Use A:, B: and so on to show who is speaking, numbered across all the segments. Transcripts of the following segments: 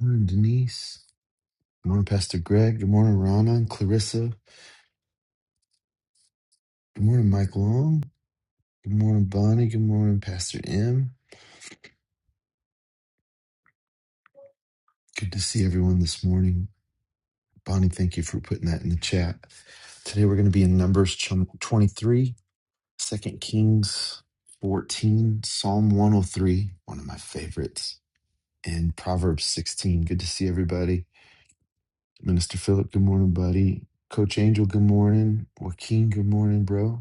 A: Morning, Denise. Good morning, Pastor Greg. Good morning, Rana and Clarissa. Good morning, Mike Long. Good morning, Bonnie. Good morning, Pastor M. Good to see everyone this morning. Bonnie, thank you for putting that in the chat. Today we're going to be in Numbers chum- 23, 2 Kings 14, Psalm 103, one of my favorites, and Proverbs 16. Good to see everybody. Minister Philip, good morning, buddy. Coach Angel, good morning. Joaquin, good morning, bro.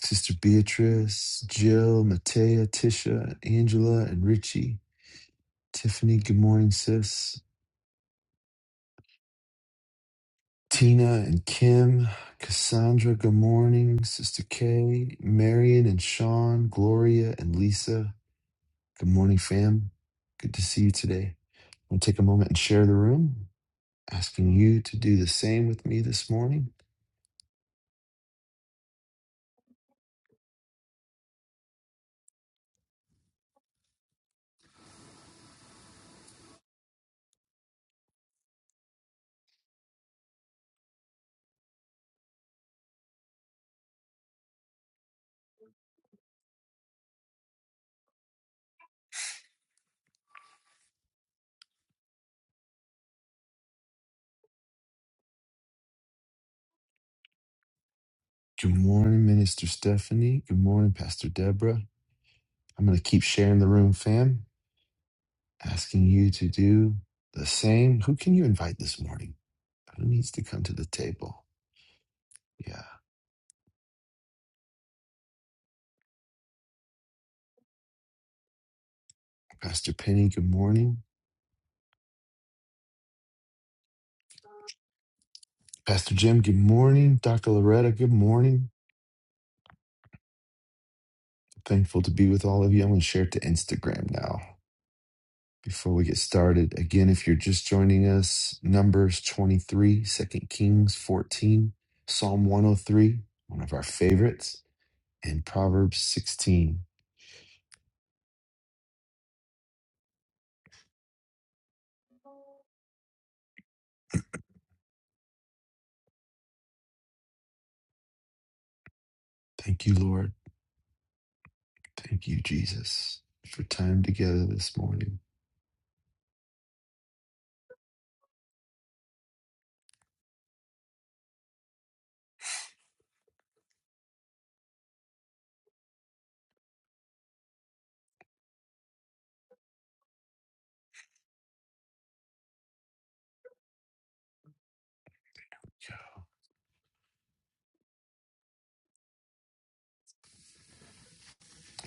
A: Sister Beatrice, Jill, Matea, Tisha, Angela, and Richie. Tiffany, good morning, sis. Tina and Kim, Cassandra, good morning. Sister Kay, Marion and Sean, Gloria and Lisa, good morning, fam. Good to see you today. I'm going to take a moment and share the room, asking you to do the same with me this morning. Good morning, Minister Stephanie. Good morning, Pastor Deborah. I'm going to keep sharing the room, fam. asking you to do the same. Who can you invite this morning? Who needs to come to the table? Yeah. Pastor Penny, good morning. Pastor Jim, good morning. Dr. Loretta, good morning. Thankful to be with all of you. I'm going to share it to Instagram now. Before we get started, again, if you're just joining us, Numbers 23, Second Kings 14, Psalm 103, one of our favorites, and Proverbs 16. Thank you, Lord. Thank you, Jesus, for time together this morning.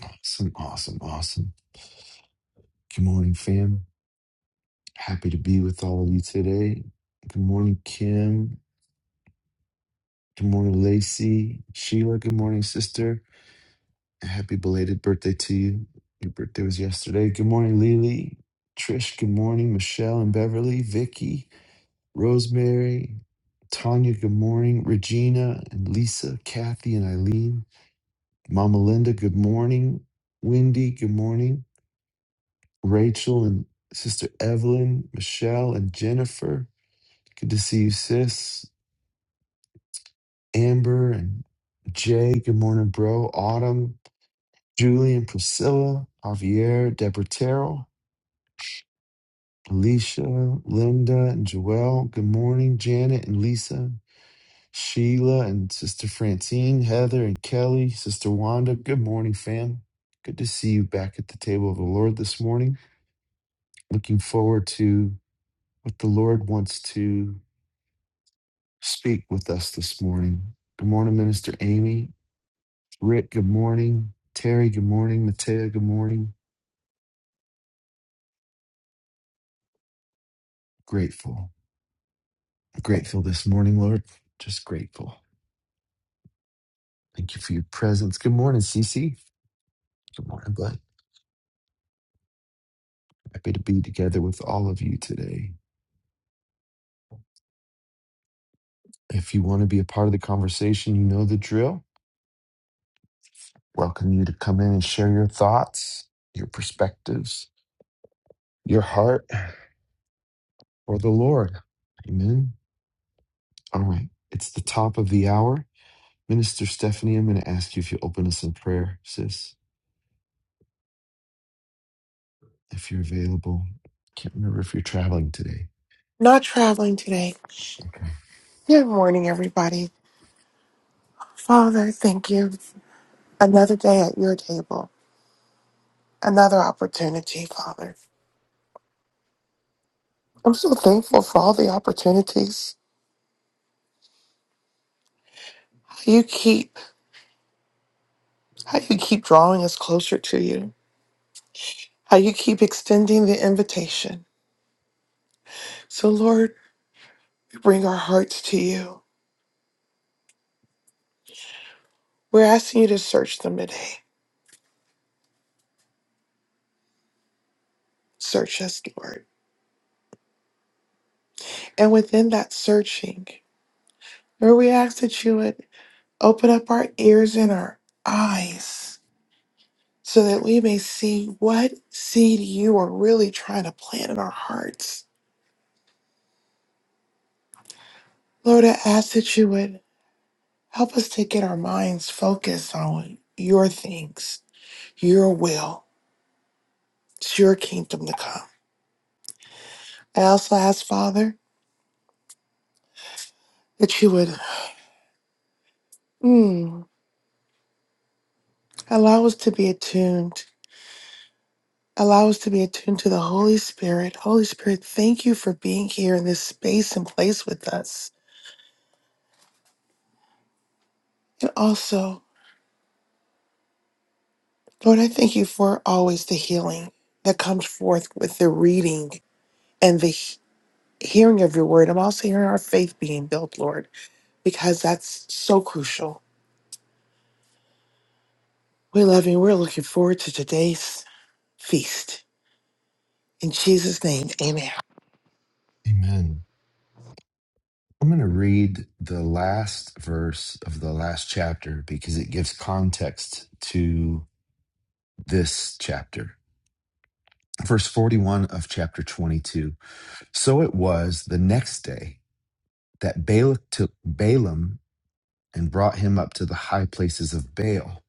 A: Awesome, awesome, awesome. Good morning, fam. Happy to be with all of you today. Good morning, Kim. Good morning, Lacey. Sheila, good morning, sister. And Happy belated birthday to you. Your birthday was yesterday. Good morning, Lily. Trish, good morning. Michelle and Beverly, Vicky, Rosemary, Tanya, good morning. Regina and Lisa, Kathy and Eileen. Mama Linda, good morning. Wendy, good morning. Rachel and Sister Evelyn, Michelle and Jennifer. Good to see you, sis. Amber and Jay. Good morning, bro. Autumn, Julie and Priscilla, Javier, Deborah Terrell, Alicia, Linda and Joelle. Good morning, Janet and Lisa. Sheila and Sister Francine, Heather and Kelly, Sister Wanda. Good morning, fam. Good to see you back at the table of the Lord this morning. Looking forward to what the Lord wants to speak with us this morning. Good morning, Minister Amy. Rick, good morning. Terry, good morning. Matea, good morning. Grateful. Grateful this morning, Lord. Just grateful. Thank you for your presence. Good morning, Cece. Good morning, bud. Happy to be together with all of you today. If you want to be a part of the conversation, you know the drill. Welcome you to come in and share your thoughts, your perspectives, your heart for the Lord. Amen. All right. It's the top of the hour. Minister Stephanie, I'm going to ask you if you open us in prayer, sis, if you're available. Can't remember if you're traveling today.
B: Not traveling today.
A: Okay.
B: Good morning, everybody. Father, thank you. Another day at your table, another opportunity, Father. I'm so thankful for all the opportunities. How you keep, how you keep drawing us closer to you. How you keep extending the invitation. So, Lord, we bring our hearts to you. We're asking you to search them today. Search us, Lord. And within that searching, Lord, we ask that you would open up our ears and our eyes so that we may see what seed you are really trying to plant in our hearts. Lord, I ask that you would help us to get our minds focused on your things, your will. It's your kingdom to come. I also ask, Father, that you would mm, allow us to be attuned. Allow us to be attuned to the Holy Spirit. Holy Spirit, thank you for being here in this space and place with us. And also, Lord, I thank you for always the healing that comes forth with the reading and the he- hearing of your word. I'm also hearing our faith being built, Lord, because that's so crucial. We love you. We're looking forward to today's feast. In Jesus' name, amen.
A: Amen. I'm going to read the last verse of the last chapter because it gives context to this chapter. Verse 41 of chapter 22. So it was the next day that Balak took Balaam and brought him up to the high places of Baal,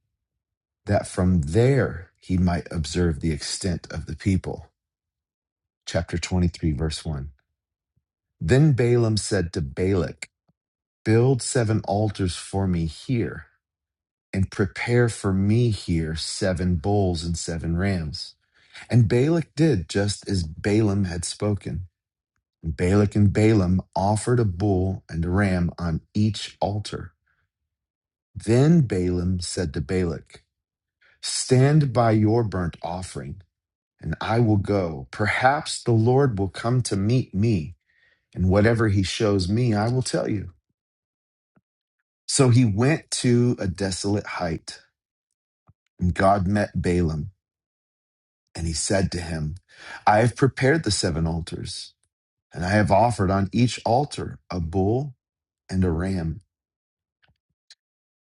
A: that from there he might observe the extent of the people. chapter 23, verse 1. Then Balaam said to Balak, Build seven altars for me here, and prepare for me here seven bulls and seven rams. And Balak did just as Balaam had spoken. And Balak and Balaam offered a bull and a ram on each altar. Then Balaam said to Balak, Stand by your burnt offering, and I will go. Perhaps the Lord will come to meet me and whatever he shows me, I will tell you. So he went to a desolate height, and God met Balaam, and he said to him, I have prepared the seven altars, and I have offered on each altar a bull and a ram.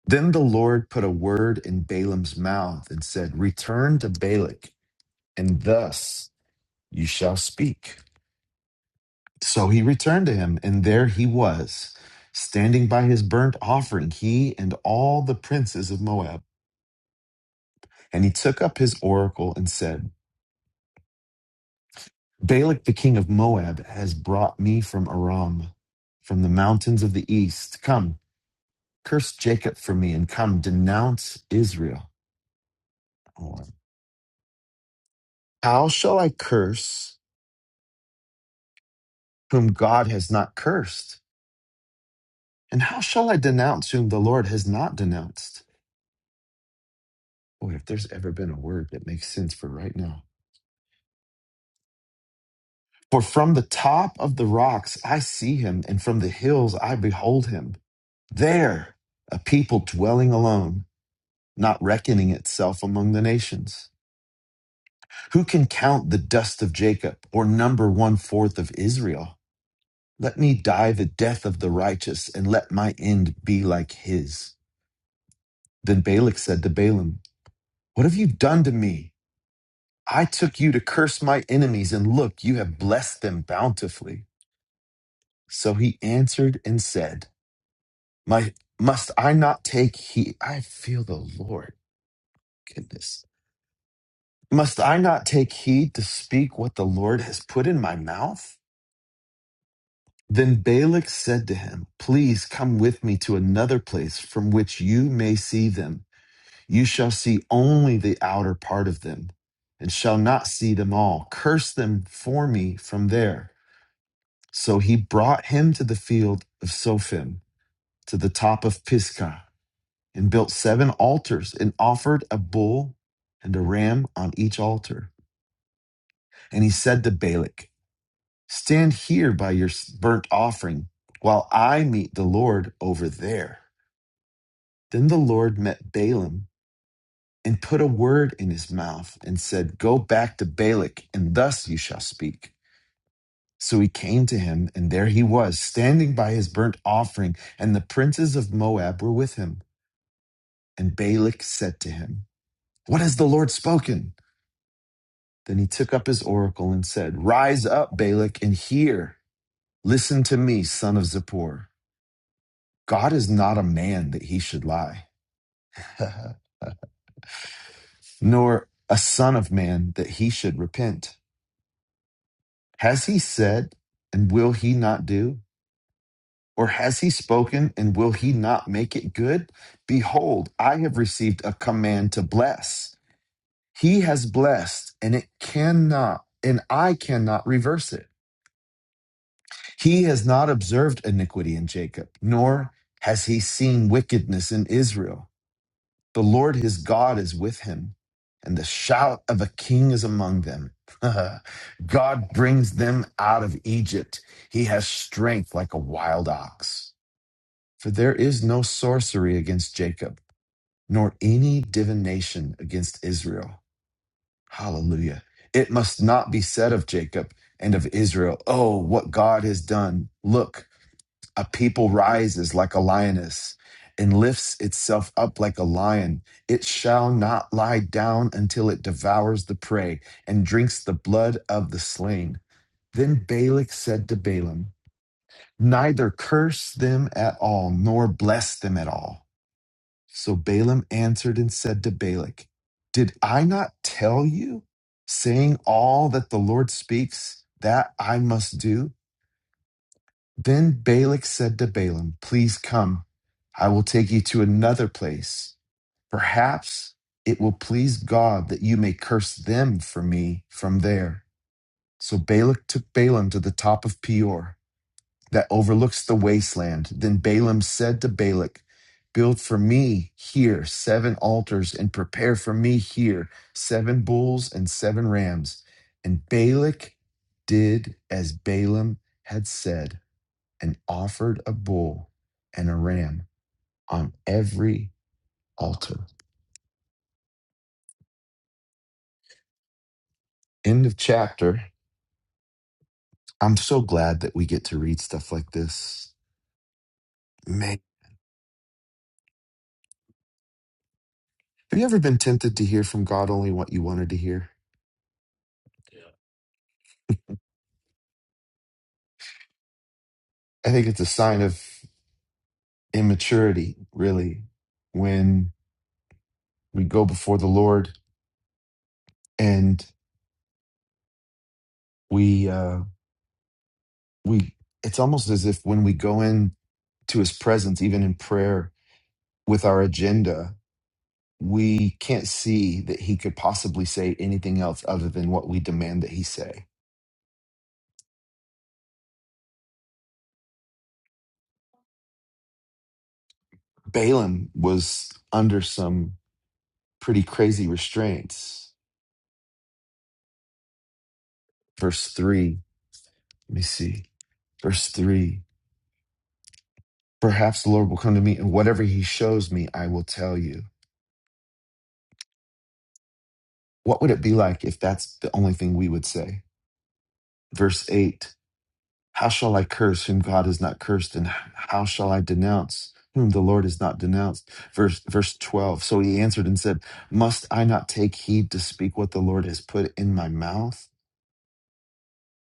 A: Then the Lord put a word in Balaam's mouth and said, Return to Balak, and thus you shall speak. So he returned to him, and there he was, standing by his burnt offering, he and all the princes of Moab. And he took up his oracle and said, Balak the king of Moab has brought me from Aram, from the mountains of the east. Come, curse Jacob for me, and come, denounce Israel. How shall I curse whom God has not cursed? And how shall I denounce whom the Lord has not denounced? Boy, if there's ever been a word that makes sense for right now. For from the top of the rocks I see him, and from the hills I behold him. There, a people dwelling alone not reckoning itself among the nations. Who can count the dust of Jacob or number one fourth of Israel? Let me die the death of the righteous and let my end be like his. Then Balak said to Balaam, What have you done to me? I took you to curse my enemies, and look, you have blessed them bountifully. So he answered and said, My must I not take heed? I feel the Lord. Goodness. Must I not take heed to speak what the Lord has put in my mouth? Then Balak said to him, Please come with me to another place from which you may see them. You shall see only the outer part of them, and shall not see them all. Curse them for me from there. So he brought him to the field of Sophim, to the top of Pisgah, and built seven altars, and offered a bull and a ram on each altar. And he said to Balak, Stand here by your burnt offering while I meet the Lord over there. Then the Lord met Balaam and put a word in his mouth and said, Go back to Balak, and thus you shall speak. So he came to him, and there he was, standing by his burnt offering, and the princes of Moab were with him. And Balak said to him, What has the Lord spoken? Then he took up his oracle and said, Rise up, Balak, and hear. Listen to me, son of Zippor. God is not a man that he should lie, nor a son of man that he should repent. Has he said, and will he not do? Or has he spoken, and will he not make it good? Behold, I have received a command to bless. He has blessed, and it cannot, and I cannot reverse it. He has not observed iniquity in Jacob, nor has he seen wickedness in Israel. The Lord his God is with him, and the shout of a king is among them. God brings them out of Egypt. He has strength like a wild ox. For there is no sorcery against Jacob, nor any divination against Israel. Hallelujah. It must not be said of Jacob and of Israel, Oh, what God has done. Look, a people rises like a lioness and lifts itself up like a lion. It shall not lie down until it devours the prey and drinks the blood of the slain. Then Balak said to Balaam, Neither curse them at all, nor bless them at all. So Balaam answered and said to Balak, Did I not tell you, saying all that the Lord speaks, that I must do? Then Balak said to Balaam, Please come, I will take you to another place. Perhaps it will please God that you may curse them for me from there. So Balak took Balaam to the top of Peor that overlooks the wasteland. Then Balaam said to Balak, Build for me here seven altars and prepare for me here seven bulls and seven rams. And Balak did as Balaam had said and offered a bull and a ram on every altar. End of chapter. I'm so glad that we get to read stuff like this. Man, have you ever been tempted to hear from God only what you wanted to hear? Yeah. I think it's a sign of immaturity, really, when we go before the Lord and we uh, we. It's almost as if when we go in to His presence, even in prayer, with our agenda. we can't see that he could possibly say anything else other than what we demand that he say. Balaam was under some pretty crazy restraints. Verse 3, let me see. Verse 3 Perhaps the Lord will come to me, and whatever he shows me, I will tell you. What would it be like if that's the only thing we would say? Verse 8 How shall I curse whom God has not cursed? And how shall I denounce whom the Lord has not denounced? Verse, verse 12. So he answered and said, Must I not take heed to speak what the Lord has put in my mouth?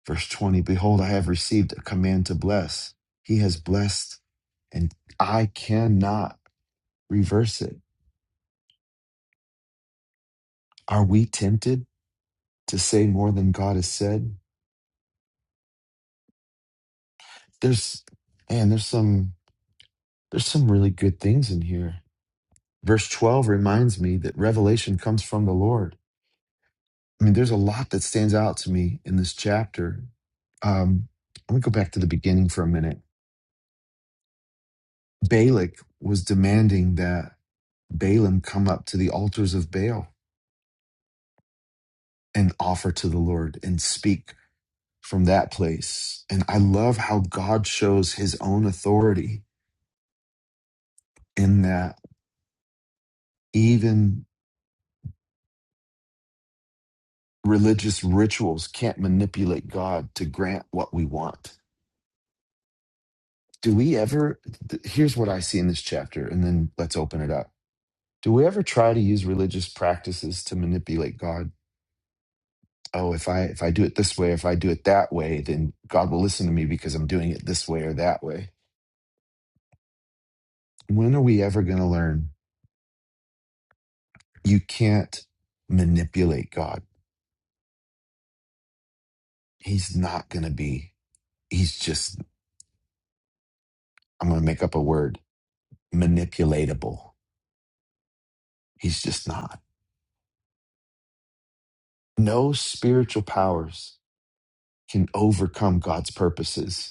A: Verse 20. Behold, I have received a command to bless. He has blessed, and I cannot reverse it. Are we tempted to say more than God has said? There's, man, there's some, there's some really good things in here Verse 12 reminds me that revelation comes from the Lord. I mean, there's a lot that stands out to me in this chapter. Um, let me go back to the beginning for a minute. Balak was demanding that Balaam come up to the altars of Baal and offer to the Lord and speak from that place. And I love how God shows his own authority in that even religious rituals can't manipulate God to grant what we want do we ever th- here's what i see in this chapter and then let's open it up do we ever try to use religious practices to manipulate god oh if i if i do it this way if i do it that way then god will listen to me because i'm doing it this way or that way when are we ever going to learn you can't manipulate god he's not going to be he's just i'm going to make up a word manipulatable he's just not no spiritual powers can overcome god's purposes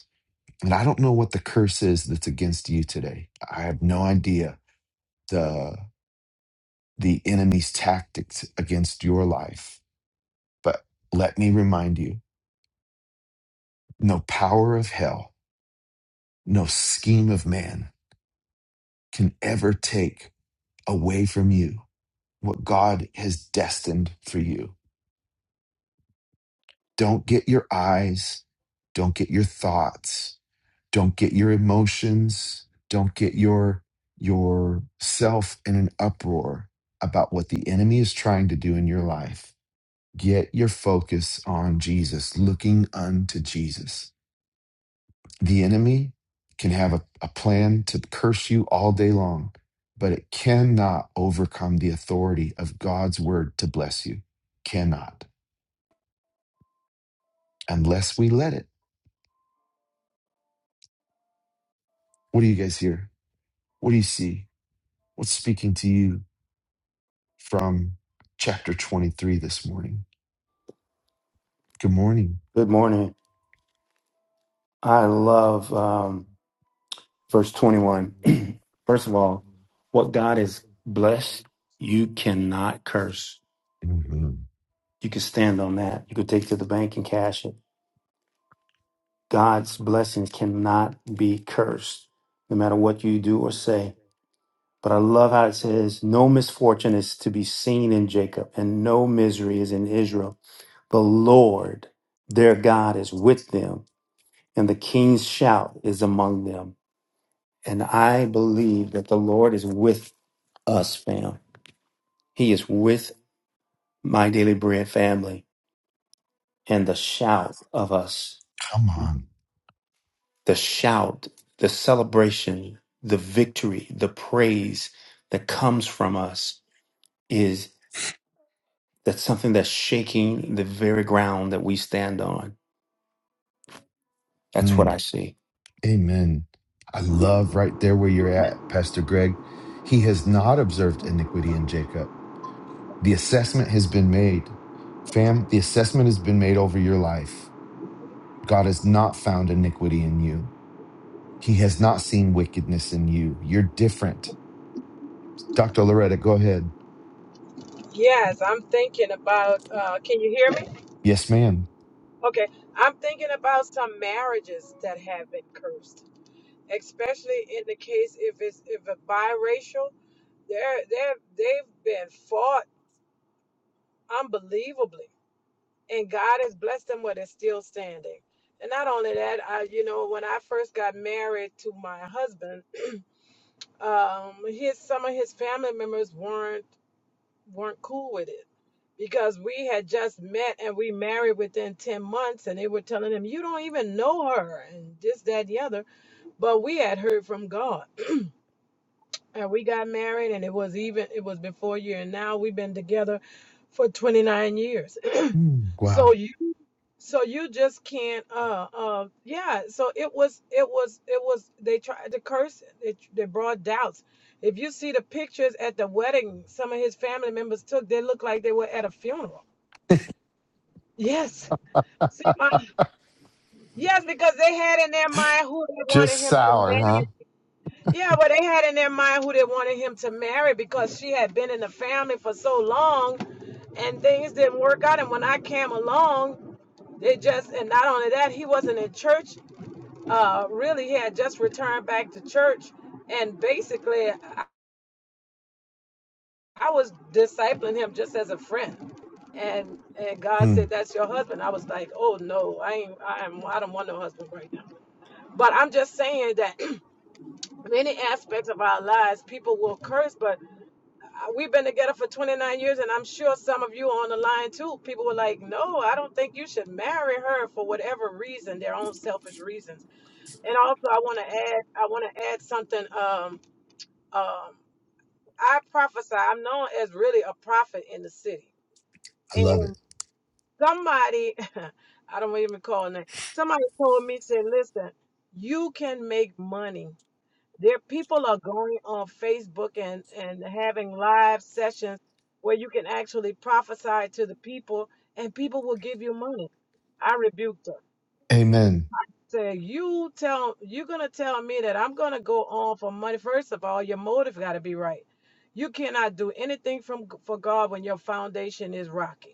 A: And I don't know what the curse is that's against you today. I have no idea the the enemy's tactics against your life. But let me remind you, no power of hell, no scheme of man can ever take away from you what God has destined for you. Don't get your eyes, don't get your thoughts don't get your emotions don't get your yourself in an uproar about what the enemy is trying to do in your life get your focus on jesus looking unto jesus the enemy can have a, a plan to curse you all day long but it cannot overcome the authority of god's word to bless you cannot unless we let it what do you guys hear what do you see what's speaking to you from chapter 23 this morning. Good morning.
C: Good morning. I love um, verse 21. First of all, what God has blessed, you cannot curse.
A: Mhm.
C: You can stand on that. You could take it to the bank and cash it. God's blessings cannot be cursed, no matter what you do or say. But I love how it says, No misfortune is to be seen in Jacob, and no misery is in Israel. The Lord, their God, is with them, and the king's shout is among them. And I believe that the Lord is with us, fam. He is with my daily bread family. And the shout of us,
A: Come on.
C: the shout, the celebration, the victory, the praise that comes from us is that's something that's shaking the very ground that we stand on. That's what I
A: Mm.
C: see.
A: Amen. I love right there where you're at, Pastor Greg. He has not observed iniquity in Jacob. The assessment has been made. Fam, the assessment has been made over your life. God has not found iniquity in you. He has not seen wickedness in you. You're different. Dr. Loretta, go ahead.
D: Yes, I'm thinking about. Uh, can you hear me?
A: Yes, ma'am.
D: Okay, I'm thinking about some marriages that have been cursed, especially in the case if it's if a biracial. They're they're they've been fought unbelievably, and God has blessed them where they're still standing. And not only that, I you know when I first got married to my husband, um, his some of his family members weren't. weren't cool with it because we had just met and we married within 10 months and they were telling him you don't even know her and this that and the other but we had heard from god and we got married and it was even it was before you and now we've been together for 29 years
A: Mm,
D: so
A: wow.
D: you so you just can't uh uh yeah so it was it was it was they tried to curse it they, they brought doubts if you see the pictures at the wedding some of his family members took they look like they were at a funeral Yes. See, my, yes, because they had in their mind who they wanted
A: Just
D: him to
A: sour, huh?
D: marry. Yeah, well, they had in their mind who they wanted him to marry because she had been in the family for so long and things didn't work out. And when I came along, they just, and not only that, he wasn't in church. Uh, really, he had just returned back to church. And basically, I, I was discipling him just as a friend and and God
A: Mm,
D: said, "That's your husband." I was like, "Oh no, I ain't. I am. I don't want no husband right now." But I'm just saying that many aspects of our lives, people will curse, but uh, we've been together for 29 years, and I'm sure some of you on the line too. People were like, No, I don't think you should marry her for whatever reason, their own selfish reasons. And also, I want to add, I want to add something. Um, um, I prophesy, I'm known as really a prophet in the city.
A: I love
D: And
A: it.
D: somebody, I don't even call it, somebody told me, said, Listen, you can make money There people are going on Facebook and, and having live sessions where you can actually prophesy to the people and people will give you money. I rebuked her.
A: Amen.
D: Say, you tell you're gonna tell me that I'm gonna go on for money. First of all, your motive gotta be right. You cannot do anything from for God when your foundation is rocky.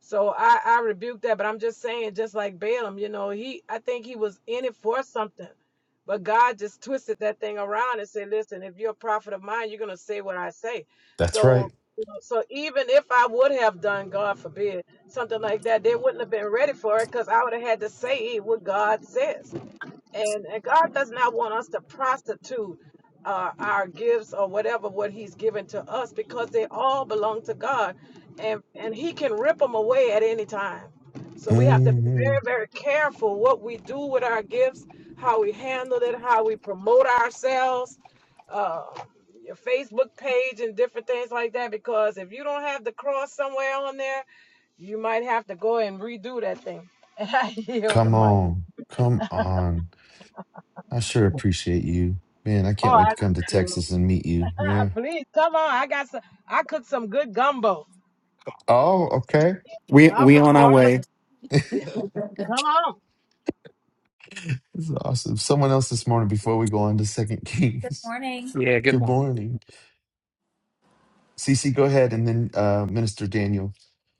D: So I, I rebuke that, but I'm just saying, just like Balaam, you know, he I think he was in it for something. But God just twisted that thing around and said, Listen, if you're a prophet of mine, you're gonna say what I say.
A: That's right.
D: So you know, so even if I would have done, God forbid, something like that, they wouldn't have been ready for it because I would have had to say what God says. And, and God does not want us to prostitute uh, our gifts or whatever what He's given to us because they all belong to God, and and He can rip them away at any time. So we have to be
A: hmm
D: very very careful what we do with our gifts, how we handle it, how we promote ourselves, uh, your Facebook page and different things like that. Because if you don't have the cross somewhere on there, you might have to go and redo that thing. And I yield the
A: Come
D: mic.
A: on. Come on. I sure
E: Oh,
A: appreciate you. Man, I can't
D: Oh,
A: wait
D: I
A: to come to
D: do.
A: Texas and meet you. Yeah.
D: Please come on. I got some. I cooked some good gumbo.
A: Oh, okay.
C: We
D: I'm
C: we
D: from
C: on
D: New
C: our way.
D: Orleans.
A: This
D: Come on.
A: is awesome. Someone else this morning before we go on to Second
F: Good
A: Kings.
F: morning.
E: Yeah, good
A: Good
E: morning.
A: morning. Cece, go ahead and then uh, Minister Daniel.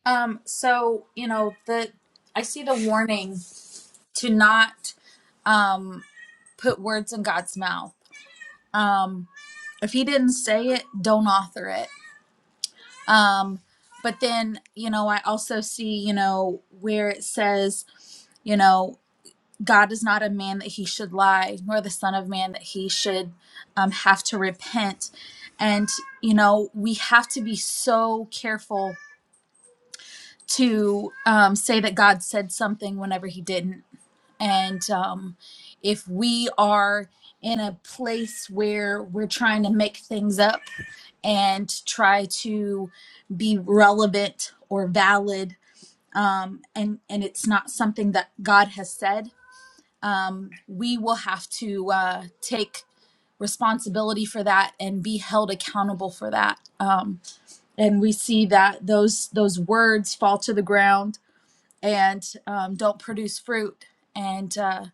F: Um, so you know the I see the warning to not um put words in God's mouth. Um, if He didn't say it, don't author it. Um, but then you know I also see you know where it says you know God is not a man that He should lie, nor the Son of Man that He should um, have to repent. And you know we have to be so careful to um, say that God said something whenever He didn't. And um, if we are in a place where we're trying to make things up and try to be relevant or valid, um, and and it's not something that God has said, um, we will have to uh, take responsibility for that and be held accountable for that. Um, and we see that those those words fall to the ground and um, don't produce fruit. And uh,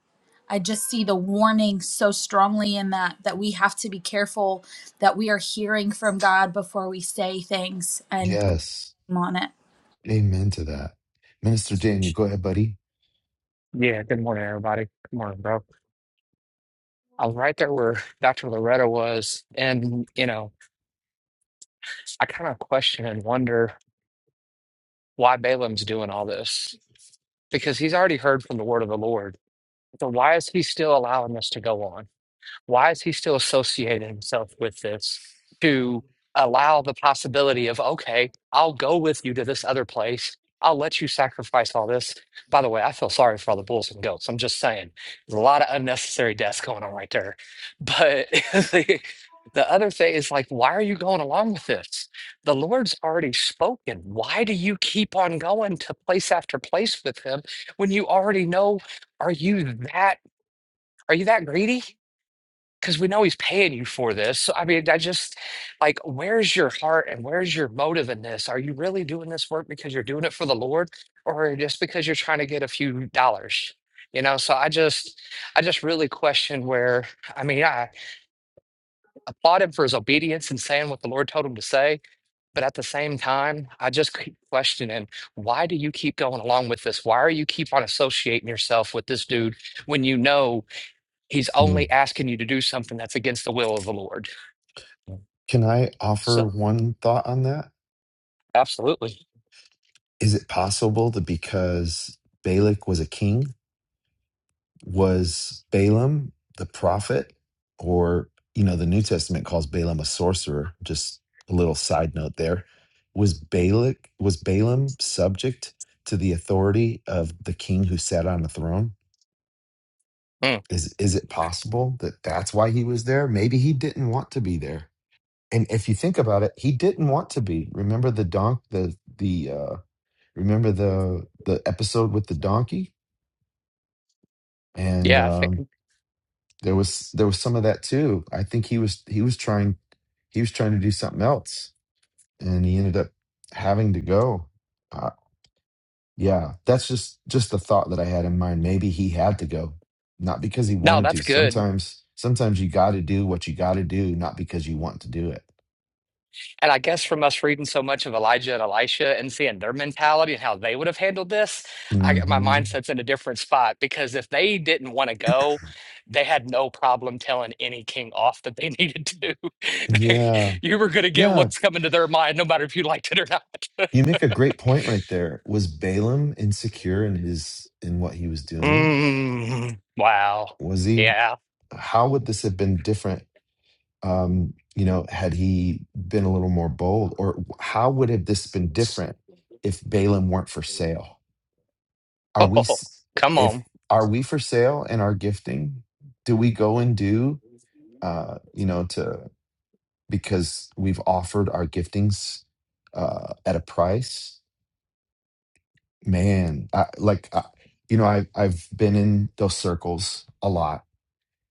F: I just see the warning so strongly in that that we have to be careful that we are hearing from God before we say things and put
A: Yes.
F: them on it.
A: Amen to that. Minister Daniel, go ahead, buddy.
E: Yeah, good morning, everybody. Good morning, bro. I was right there where Dr. Loretta was, and you know, I kind of question and wonder why Balaam's doing all this because he's already heard from the word of the Lord. So why is he still allowing this to go on? Why is he still associating himself with this to allow the possibility of, okay, I'll go with you to this other place. I'll let you sacrifice all this. By the way, I feel sorry for all the bulls and goats. I'm just saying, there's a lot of unnecessary deaths going on right there. But the, the other thing is like, why are you going along with this? The Lord's already spoken. Why do you keep on going to place after place with him when you already know? Are you that? Are you that greedy? because we know he's paying you for this. So, I mean, I just like, where's your heart and where's your motive in this? Are you really doing this work because you're doing it for the Lord or just because you're trying to get a few dollars? You know, so I just, I just really question where, I mean, I applaud him for his obedience and saying what the Lord told him to say. But at the same time, I just keep questioning why do you keep going along with this? Why are you keep on associating yourself with this dude when you know he's
A: Mm.
E: only asking you to do something that's against the will of the Lord? Mm.
A: Can I
E: So
A: offer one thought on that?
E: absolutely.
A: Is it possible that because Balak was a king, was Balaam the prophet? Or, you know, the New Testament calls Balaam a sorcerer. Just a little side note there. Was Balak was Balaam subject to the authority of the king who sat on the throne?
E: Mm,
A: Is is it possible that that's why he was there? Maybe he didn't want to be there. And if you think about it, he didn't want to be. Remember the donk the the uh remember the the episode with the donkey? and
E: yeah, I think
A: um, there was there was some of that too. I think he was he was trying he was trying to do something else, and he ended up having to go. Uh, yeah, that's just just the thought that I had in mind. Maybe he had to go, not because he
E: no,
A: wanted to.
E: that's good.
A: Sometimes sometimes you got to do what you got to do, not because you want to do it.
E: And I guess from us reading so much of Elijah and Elisha and seeing their mentality and how they would have handled this, I my
A: hmm
E: mindset's in a different spot because if they didn't want to go, they had no problem telling any king off that they needed to. They,
A: Yeah,
E: you were going to get
A: yeah.
E: what's coming to their mind, no matter if you liked it or not.
A: You make a great point right there. Was Balaam insecure in his in what he was doing?
E: mm, wow.
A: Was he?
E: Yeah.
A: How would this have been different um, you know, had he been a little more bold, or how would have this been different if Balaam weren't for sale? Are we
E: Oh,
A: s-
E: come
A: if
E: on.
A: are we for sale in our gifting? Do we go and do uh, you know to because we've offered our giftings uh, at a price? Man, I, like I, you know, I I've been in those circles a lot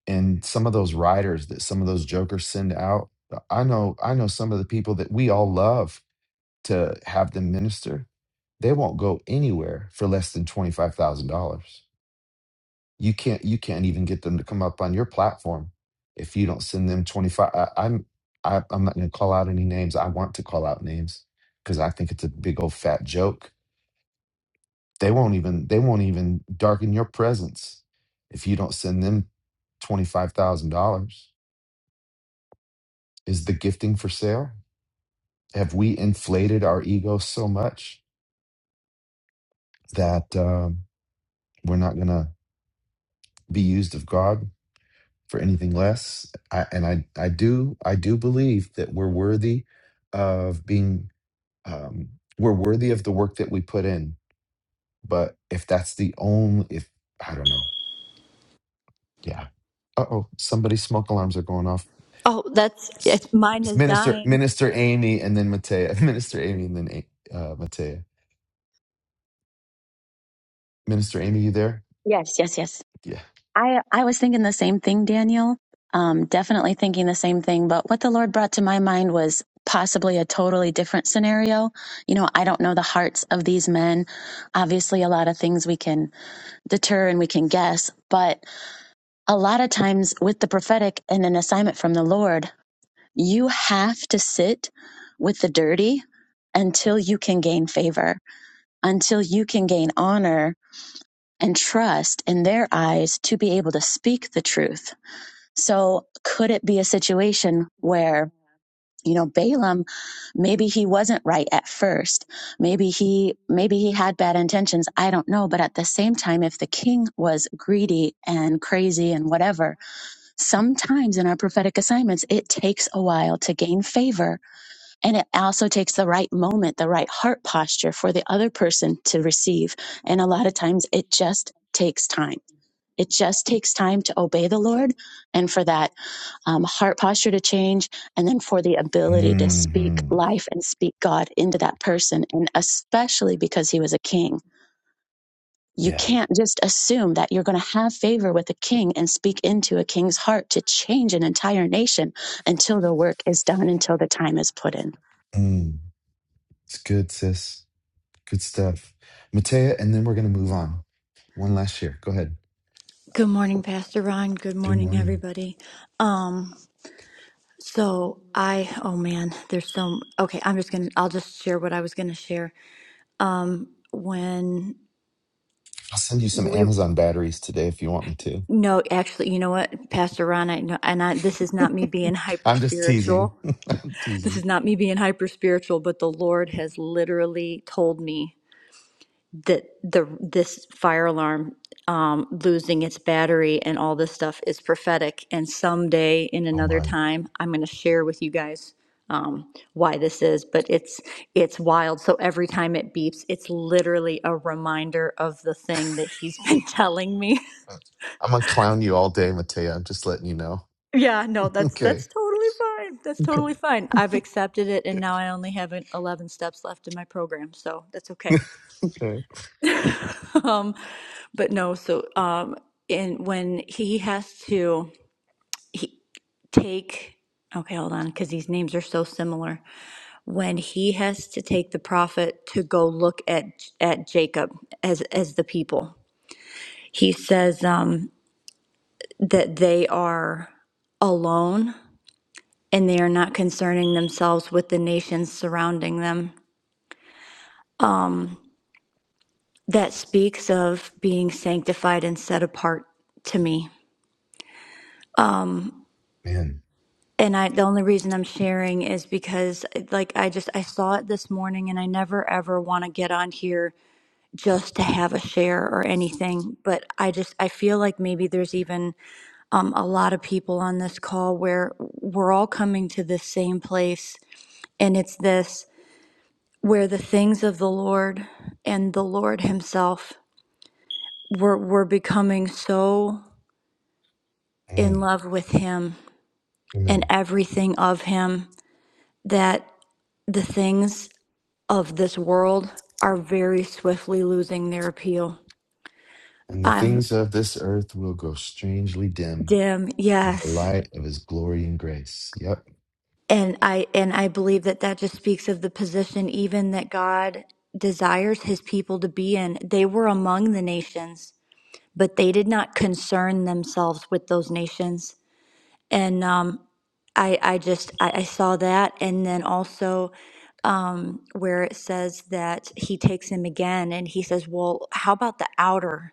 A: and some of those writers that some of those jokers send out uh, i know i know some of the people that we all love to have them minister they won't go anywhere for less than $25000 you can't you can't even get them to come up on your platform if you don't send them 25 I, i'm I, i'm not going to call out any names i want to call out names because i think it's a big old fat joke they won't even they won't even darken your presence if you don't send them $25000 Is the gifting for sale? Have we inflated our ego so much that um, we're not going to be used of God for anything less? I, and I, I do, I do believe that we're worthy of being, um, we're worthy of the work that we put in. But if that's the only, if I don't know, yeah. Uh oh, somebody's smoke alarms are going off.
G: Oh, that's
A: It's,
G: it's, mine
A: it's
G: is
A: Minister
G: dying.
A: Minister Amy and then Matea. Minister Amy and then A- uh, Matea. Minister Amy, you there?
H: Yes, yes, yes.
A: Yeah.
H: I I was thinking the same thing, Daniel. Um, definitely thinking the same thing. But what the Lord brought to my mind was possibly a totally different scenario. You know, I don't know the hearts of these men. Obviously, a lot of things we can deter and we can guess, but a lot of times with the prophetic and an assignment from the Lord, you have to sit with the dirty until you can gain favor, until you can gain honor and trust in their eyes to be able to speak the truth. So, could it be a situation where, you know, Balaam, maybe he wasn't right at first. Maybe he, maybe he had bad intentions. I don't know. But at the same time, if the king was greedy and crazy and whatever, sometimes in our prophetic assignments, it takes a while to gain favor. And it also takes the right moment, the right heart posture for the other person to receive. And a lot of times it just takes time. It just takes time to obey the Lord and for that um, heart posture to change, and then for the ability to speak
A: hmm
H: life and speak God into that person. And especially because he was a king, you
A: Yeah.
H: can't just assume that you're going to have favor with a king and speak into a king's heart to change an entire nation until the work is done, until the time is put in.
A: Mm. It's good, sis. Good stuff. Matea, and then we're going to move on. One last year. Go ahead.
G: Good morning, Pastor Ron. Good
A: Good
G: morning,
A: morning.
G: everybody. Um, so I, oh man, there's so okay. I'm just gonna, I'll just share what I was gonna share. Um, when
A: I'll send you some
G: we,
A: Amazon batteries today if you want me to.
G: no, actually, you know what, Pastor Ron, I know, and I, this is not me being hyper
A: I'm just teasing.
G: spiritual.
A: I'm
G: This
A: teasing.
G: is not me being hyper spiritual, but the Lord has literally told me that the this fire alarm um, losing its battery and all this stuff is prophetic. And someday, in
A: Oh,
G: another
A: my.
G: time, I'm going to share with you guys um, why this is. But it's it's wild. So every time it beeps, it's literally a reminder of the thing that he's been telling me.
A: I'm going to clown you all day, Matea. I'm just letting you know.
G: yeah, no, that's
A: Okay.
G: that's totally fine. That's
A: Okay.
G: totally fine. I've accepted it, and now I only have 11 steps left in my program, so that's okay.
A: Okay.
G: um, but no, so um, and when he has to he take okay, hold on, because these names are so similar. When he has to take the prophet to go look at at Jacob as as the people, he says um, that they are alone and they are not concerning themselves with the nations surrounding them. That speaks of being sanctified and set apart to me
A: Man.
G: and I the only reason I'm sharing is because like I just I saw it this morning and I never ever want to get on here just to have a share or anything but I just I feel like maybe there's even um, a lot of people on this call where we're all coming to the same place and it's this where the things of the Lord and the Lord himself we're we're becoming so in
A: Mm.
G: love with him and
A: Amen.
G: everything of him that the things of this world are very swiftly losing their appeal.
A: And the
G: I'm
A: things of this earth will grow strangely dim
G: dim,
A: in the
G: yes.
A: light of his glory and grace. Yep.
G: And I and I believe that that just speaks of the position even that God desires his people to be in. They were among the nations, but they did not concern themselves with those nations. And um I, I just I, I saw that and then also um, where it says that he takes him again and he says well how about the outer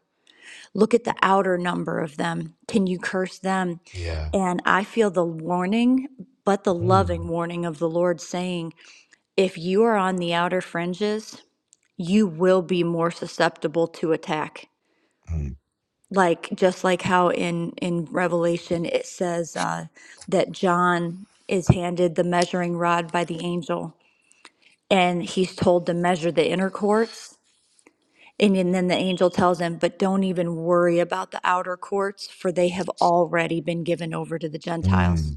G: Look at the outer number of them. Can you curse them?
A: Yeah.
G: And I feel the warning, but the loving
A: Mm.
G: warning of the Lord saying, if you are on the outer fringes, you will be more susceptible to attack. Like just like how in in Revelation it says uh, that John is handed the measuring rod by the angel, and he's told to measure the inner courts And then then the angel tells him, But don't even worry about the outer courts, for they have already been given over to the Gentiles.
A: Mm,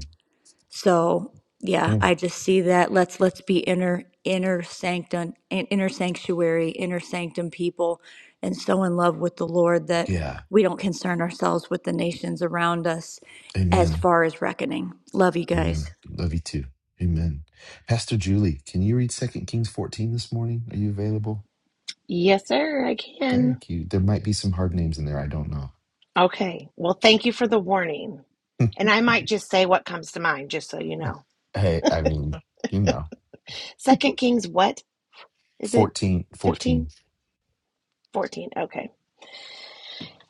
G: So yeah,
A: okay.
G: I just see that. Let's let's be inner inner sanctum in- inner sanctuary, inner sanctum people and so in love with the Lord that
A: Yeah.
G: we don't concern ourselves with the nations around us as
A: Amen.
G: far as reckoning. Love you
A: Amen.
G: guys.
A: Love you too. Amen. Pastor Julie, can you read Second Kings 14 this morning? Are you available?
I: Yes, sir, I can.
A: Thank you. There might be some hard names in there. I don't know.
I: Okay. Well, thank you for the warning. And I might just say what comes to mind, just so you know.
A: Hey, I mean, you know,
I: Second Kings, what is it?
A: fourteen, fourteen.
I: 15?
A: 14.
I: 14. Okay.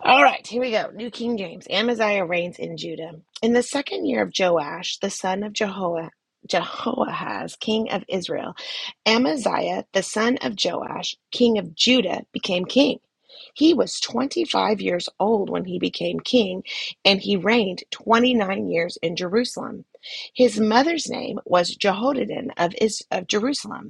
I: All right, here we go. New King James. Amaziah reigns in Judah. In the second year of Joash, the son of Jehoah, Jehoahaz, king of Israel, Amaziah, the son of Joash, king of Judah, became king. He was 25 years old when he became king, and he reigned 29 years in Jerusalem. His mother's name was Jehoiadan of, of Jerusalem.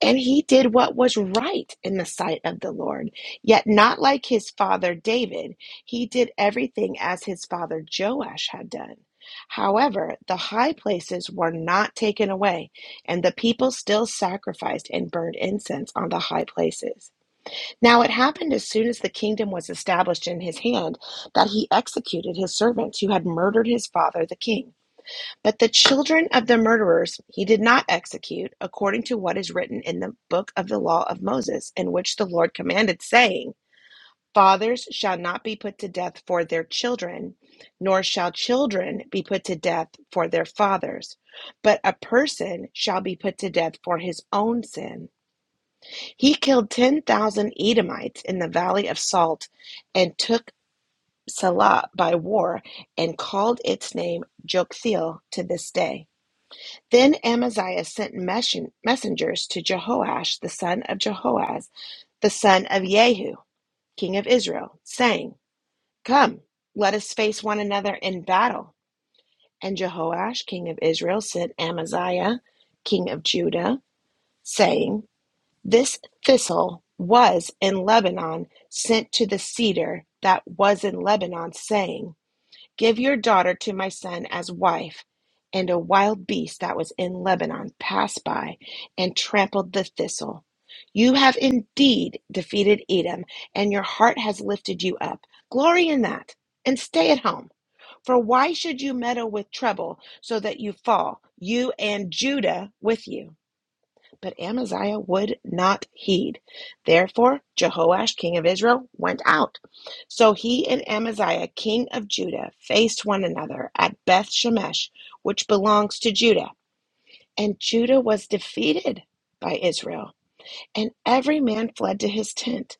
I: And he did what was right in the sight of the Lord. Yet not like his father David, he did everything as his father Joash had done. However, the high places were not taken away, and the people still sacrificed and burned incense on the high places. Now it happened as soon as the kingdom was established in his hand that he executed his servants who had murdered his father the king. But the children of the murderers he did not execute, according to what is written in the book of the law of Moses, in which the Lord commanded, saying, Fathers shall not be put to death for their children, nor shall children be put to death for their fathers, but a person shall be put to death for his own sin. He killed 10,000 Edomites in the valley of Salt and took Salah by war and called its name Joktheel to this day. Then Amaziah sent messengers to Jehoash the son of Jehoaz, the son of Jehu, king of Israel, saying, Come, let us face one another in battle. And Jehoash, king of Israel, sent Amaziah, king of Judah, saying, This thistle was in Lebanon sent to the cedar that was in Lebanon, saying, Give your daughter to my son as wife. And a wild beast that was in Lebanon passed by and trampled the thistle. You have indeed defeated Edom, and your heart has lifted you up. Glory in that, and stay at home. For why should you meddle with trouble so that you fall, you and Judah with you? But Amaziah would not heed. Therefore, Jehoash, king of Israel, went out. So he and Amaziah, king of Judah, faced one another at Beth Shemesh, which belongs to Judah. And Judah was defeated by Israel, and every man fled to his tent.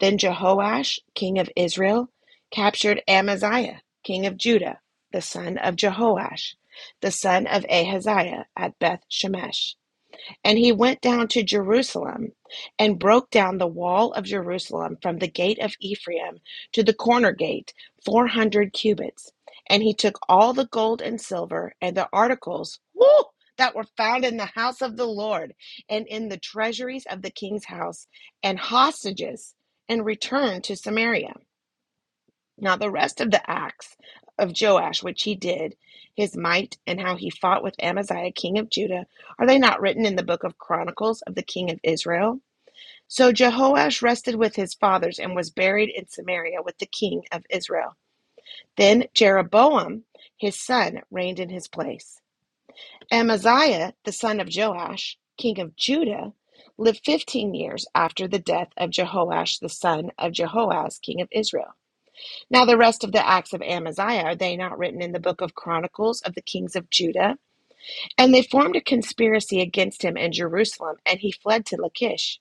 I: Then Jehoash, king of Israel, captured Amaziah, king of Judah, the son of Jehoash, the son of Ahaziah, at Beth Shemesh. And he went down to Jerusalem and broke down the wall of Jerusalem from the gate of Ephraim to the corner gate, 400 cubits. And he took all the gold and silver and the articles woo, that were found in the house of the Lord and in the treasuries of the king's house and hostages and returned to Samaria. Now, the rest of the acts of Joash, which he did, his might, and how he fought with Amaziah, king of Judah, are they not written in the book of Chronicles of the king of Israel? So Jehoash rested with his fathers and was buried in Samaria with the king of Israel. Then Jeroboam, his son, reigned in his place. Amaziah, the son of Joash, king of Judah, lived fifteen years after the death of Jehoash, the son of Jehoaz, king of Israel. Now, the rest of the acts of Amaziah, are they not written in the book of Chronicles of the kings of Judah? And they formed a conspiracy against him in Jerusalem, and he fled to Lachish.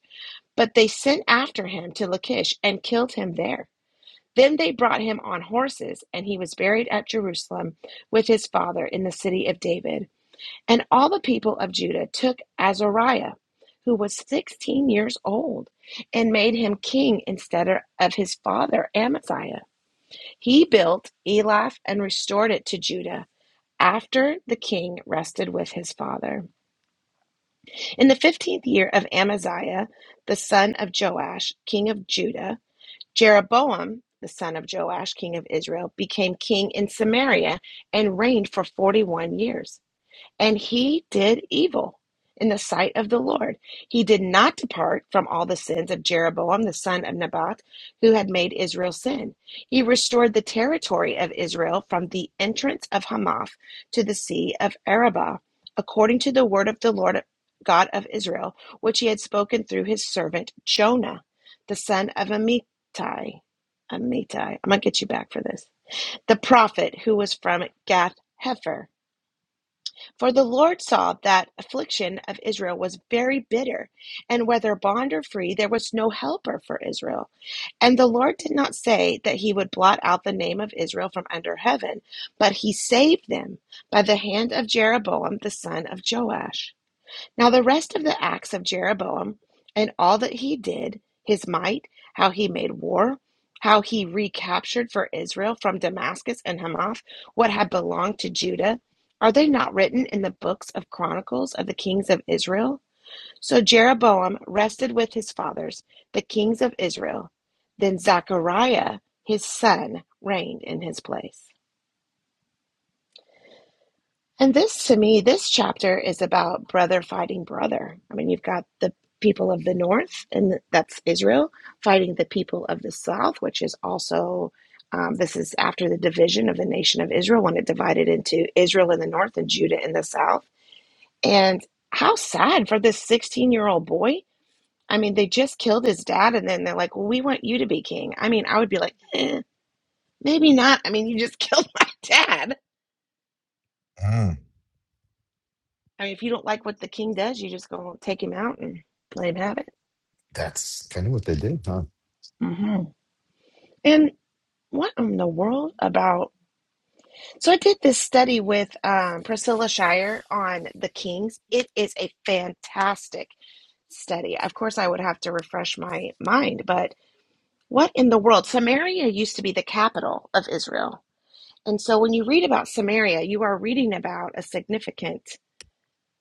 I: But they sent after him to Lachish and killed him there. Then they brought him on horses, and he was buried at Jerusalem with his father in the city of David. And all the people of Judah took Azariah, who was sixteen years old, and made him king instead of his father Amaziah. He built Elath and restored it to Judah after the king rested with his father. In the fifteenth year of Amaziah, the son of Joash, king of Judah, Jeroboam, the son of Joash, king of Israel, became king in Samaria and reigned for forty one years. And he did evil in the sight of the Lord. He did not depart from all the sins of Jeroboam, the son of Nebat, who had made Israel sin. He restored the territory of Israel from the entrance of Hamath to the sea of Arabah, according to the word of the Lord God of Israel, which he had spoken through his servant Jonah, the son of Amittai. Amittai. I'm going to get you back for this. The prophet who was from Gath Hefer for the Lord saw that affliction of Israel was very bitter, and whether bond or free, there was no helper for Israel. And the Lord did not say that he would blot out the name of Israel from under heaven, but he saved them by the hand of Jeroboam the son of Joash. Now, the rest of the acts of Jeroboam and all that he did, his might, how he made war, how he recaptured for Israel from Damascus and Hamath what had belonged to Judah, are they not written in the books of Chronicles of the kings of Israel? So Jeroboam rested with his fathers, the kings of Israel. Then Zechariah, his son, reigned in his place. And this, to me, this chapter is about brother fighting brother. I mean, you've got the people of the north, and that's Israel, fighting the people of the south, which is also, um, this is after the division of the nation of Israel when it divided into Israel in the north and Judah in the south. And how sad for this 16 year old boy. I mean, they just killed his dad, and then they're like, well, we want you to be king. I mean, I would be like, eh, maybe not. I mean, you just killed my dad
A: Mm.
I: I mean, if you don't like what the king does, you just gonna take him out and let him have it.
A: That's kind of what they did, huh?
I: hmm And what in the world about? So I did this study with um, Priscilla Shire on the Kings. It is a fantastic study. Of course, I would have to refresh my mind, but what in the world? Samaria used to be the capital of Israel. And so when you read about Samaria, you are reading about a significant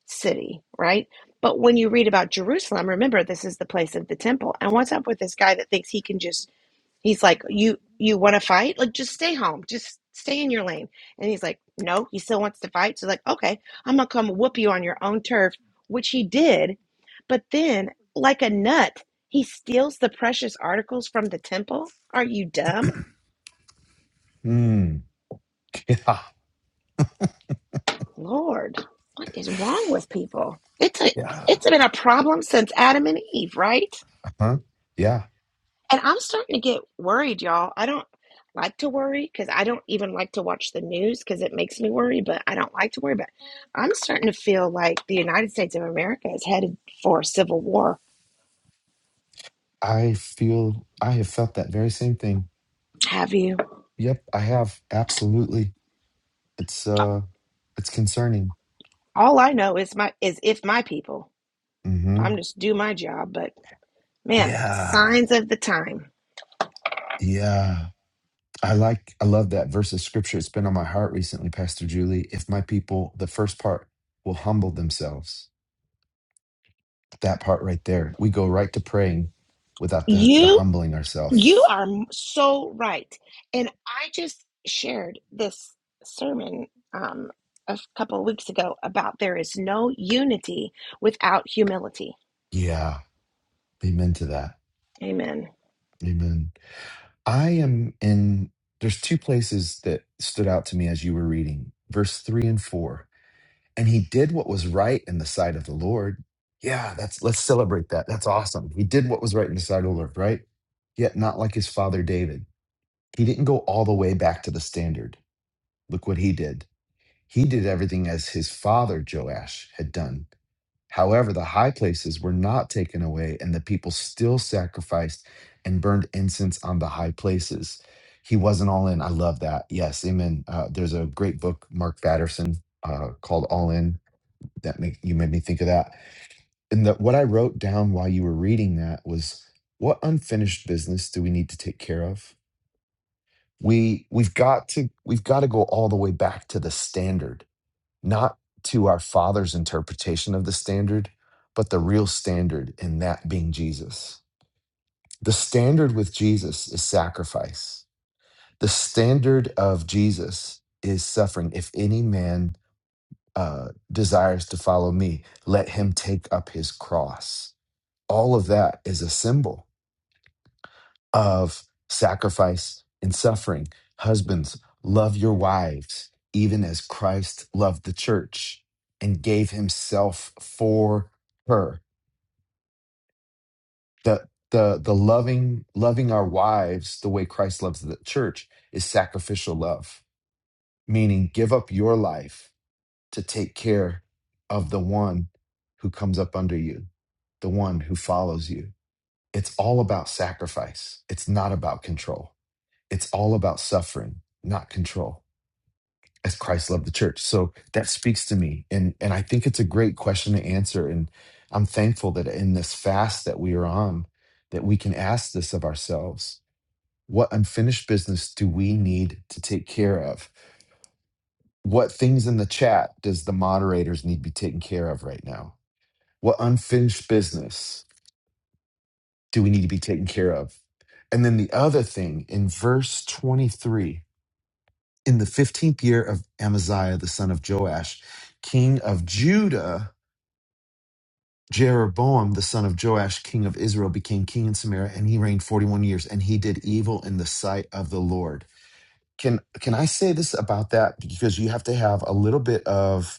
I: city, right? But when you read about Jerusalem, remember this is the place of the temple. And what's up with this guy that thinks he can just he's like, You you wanna fight? Like just stay home. Just stay in your lane. And he's like, No, he still wants to fight. So like, okay, I'm gonna come whoop you on your own turf, which he did. But then, like a nut, he steals the precious articles from the temple. Are you dumb?
A: Hmm. Yeah.
I: Lord, what is wrong with people? It's a
A: Yeah.
I: it's been a problem since Adam and Eve, right?
A: Huh? Yeah.
I: And I'm starting to get worried, y'all. I don't like to worry because I don't even like to watch the news because it makes me worry, but I don't like to worry. But I'm starting to feel like the United States of America is headed for a civil war.
A: I feel I have felt that very same thing.
I: Have you?
A: Yep, I have. Absolutely. It's uh it's concerning.
I: All I know is my is if my people.
A: hmm
I: I'm just do my job, but man,
A: Yeah.
I: signs of the time.
A: Yeah. I like I love that verse of scripture. It's been on my heart recently, Pastor Julie. If my people, the first part, will humble themselves. That part right there. We go right to praying without the the
I: You
A: humbling
I: You
A: ourselves.
I: are m- so right. And I just shared this sermon um, a couple of weeks ago about there is no unity without humility.
A: Yeah. Amen to that.
I: Amen.
A: Amen. I am in, there's two places that stood out to me as you were reading, verse three and four. And he did what was right in the sight of the Lord. Yeah, that's, let's celebrate that. That's awesome. He did what was right in the sight of the Lord, right? Yet not like his father David. He didn't go all the way back to the standard. Look what he did. He did everything as his father Joash had done. However, the high places were not taken away, and the people still sacrificed and burned incense on the high places. He wasn't all in. I love that. Yes, amen. Uh, there's a great book, Mark Batterson, uh, called All In. That make, you made me think of that. And that what I wrote down while you were reading that was, what unfinished business do we need to take care of? We we've got to we've got to go all the way back to the standard not to our Father's interpretation of the standard, but the real standard, and that being Jesus. The standard with Jesus is sacrifice. The standard of Jesus is suffering. If any man uh, desires to follow me, let him take up his cross. All of that is a symbol of sacrifice and suffering. Husbands, love your wives, even as Christ loved the church and gave himself for her. The the the loving loving our wives the way Christ loves the church is sacrificial love, meaning give up your life to take care of the one who comes up under you, the one who follows you. It's all about sacrifice. It's not about control. it's all about suffering, not control, as Christ loved the church. So that speaks to me. And and I think it's a great question to answer. And I'm thankful that in this fast that we are on, that we can ask this of ourselves. What unfinished business do we need to take care of? What things in the chat does the moderators need to be taken care of right now? What unfinished business do we need to be taken care of? And then the other thing in verse 23, In the fifteenth year of Amaziah the son of Joash, king of Judah, Jeroboam the son of Joash, king of Israel, became king in Samaria, and he reigned forty-one years, and he did evil in the sight of the Lord. Can can I say this about that? Because you have to have a little bit of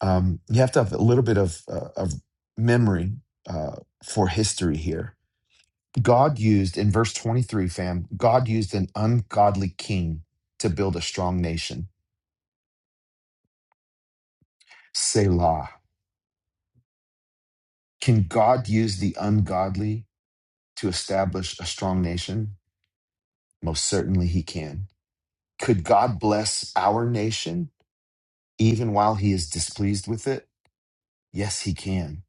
A: um, you have to have a little bit of uh, of memory uh, for history here. God used in verse 23, fam, God used an ungodly king to build a strong nation. Selah. Can God use the ungodly to establish a strong nation? Most certainly he can. Could God bless our nation even while he is displeased with it? Yes, he can.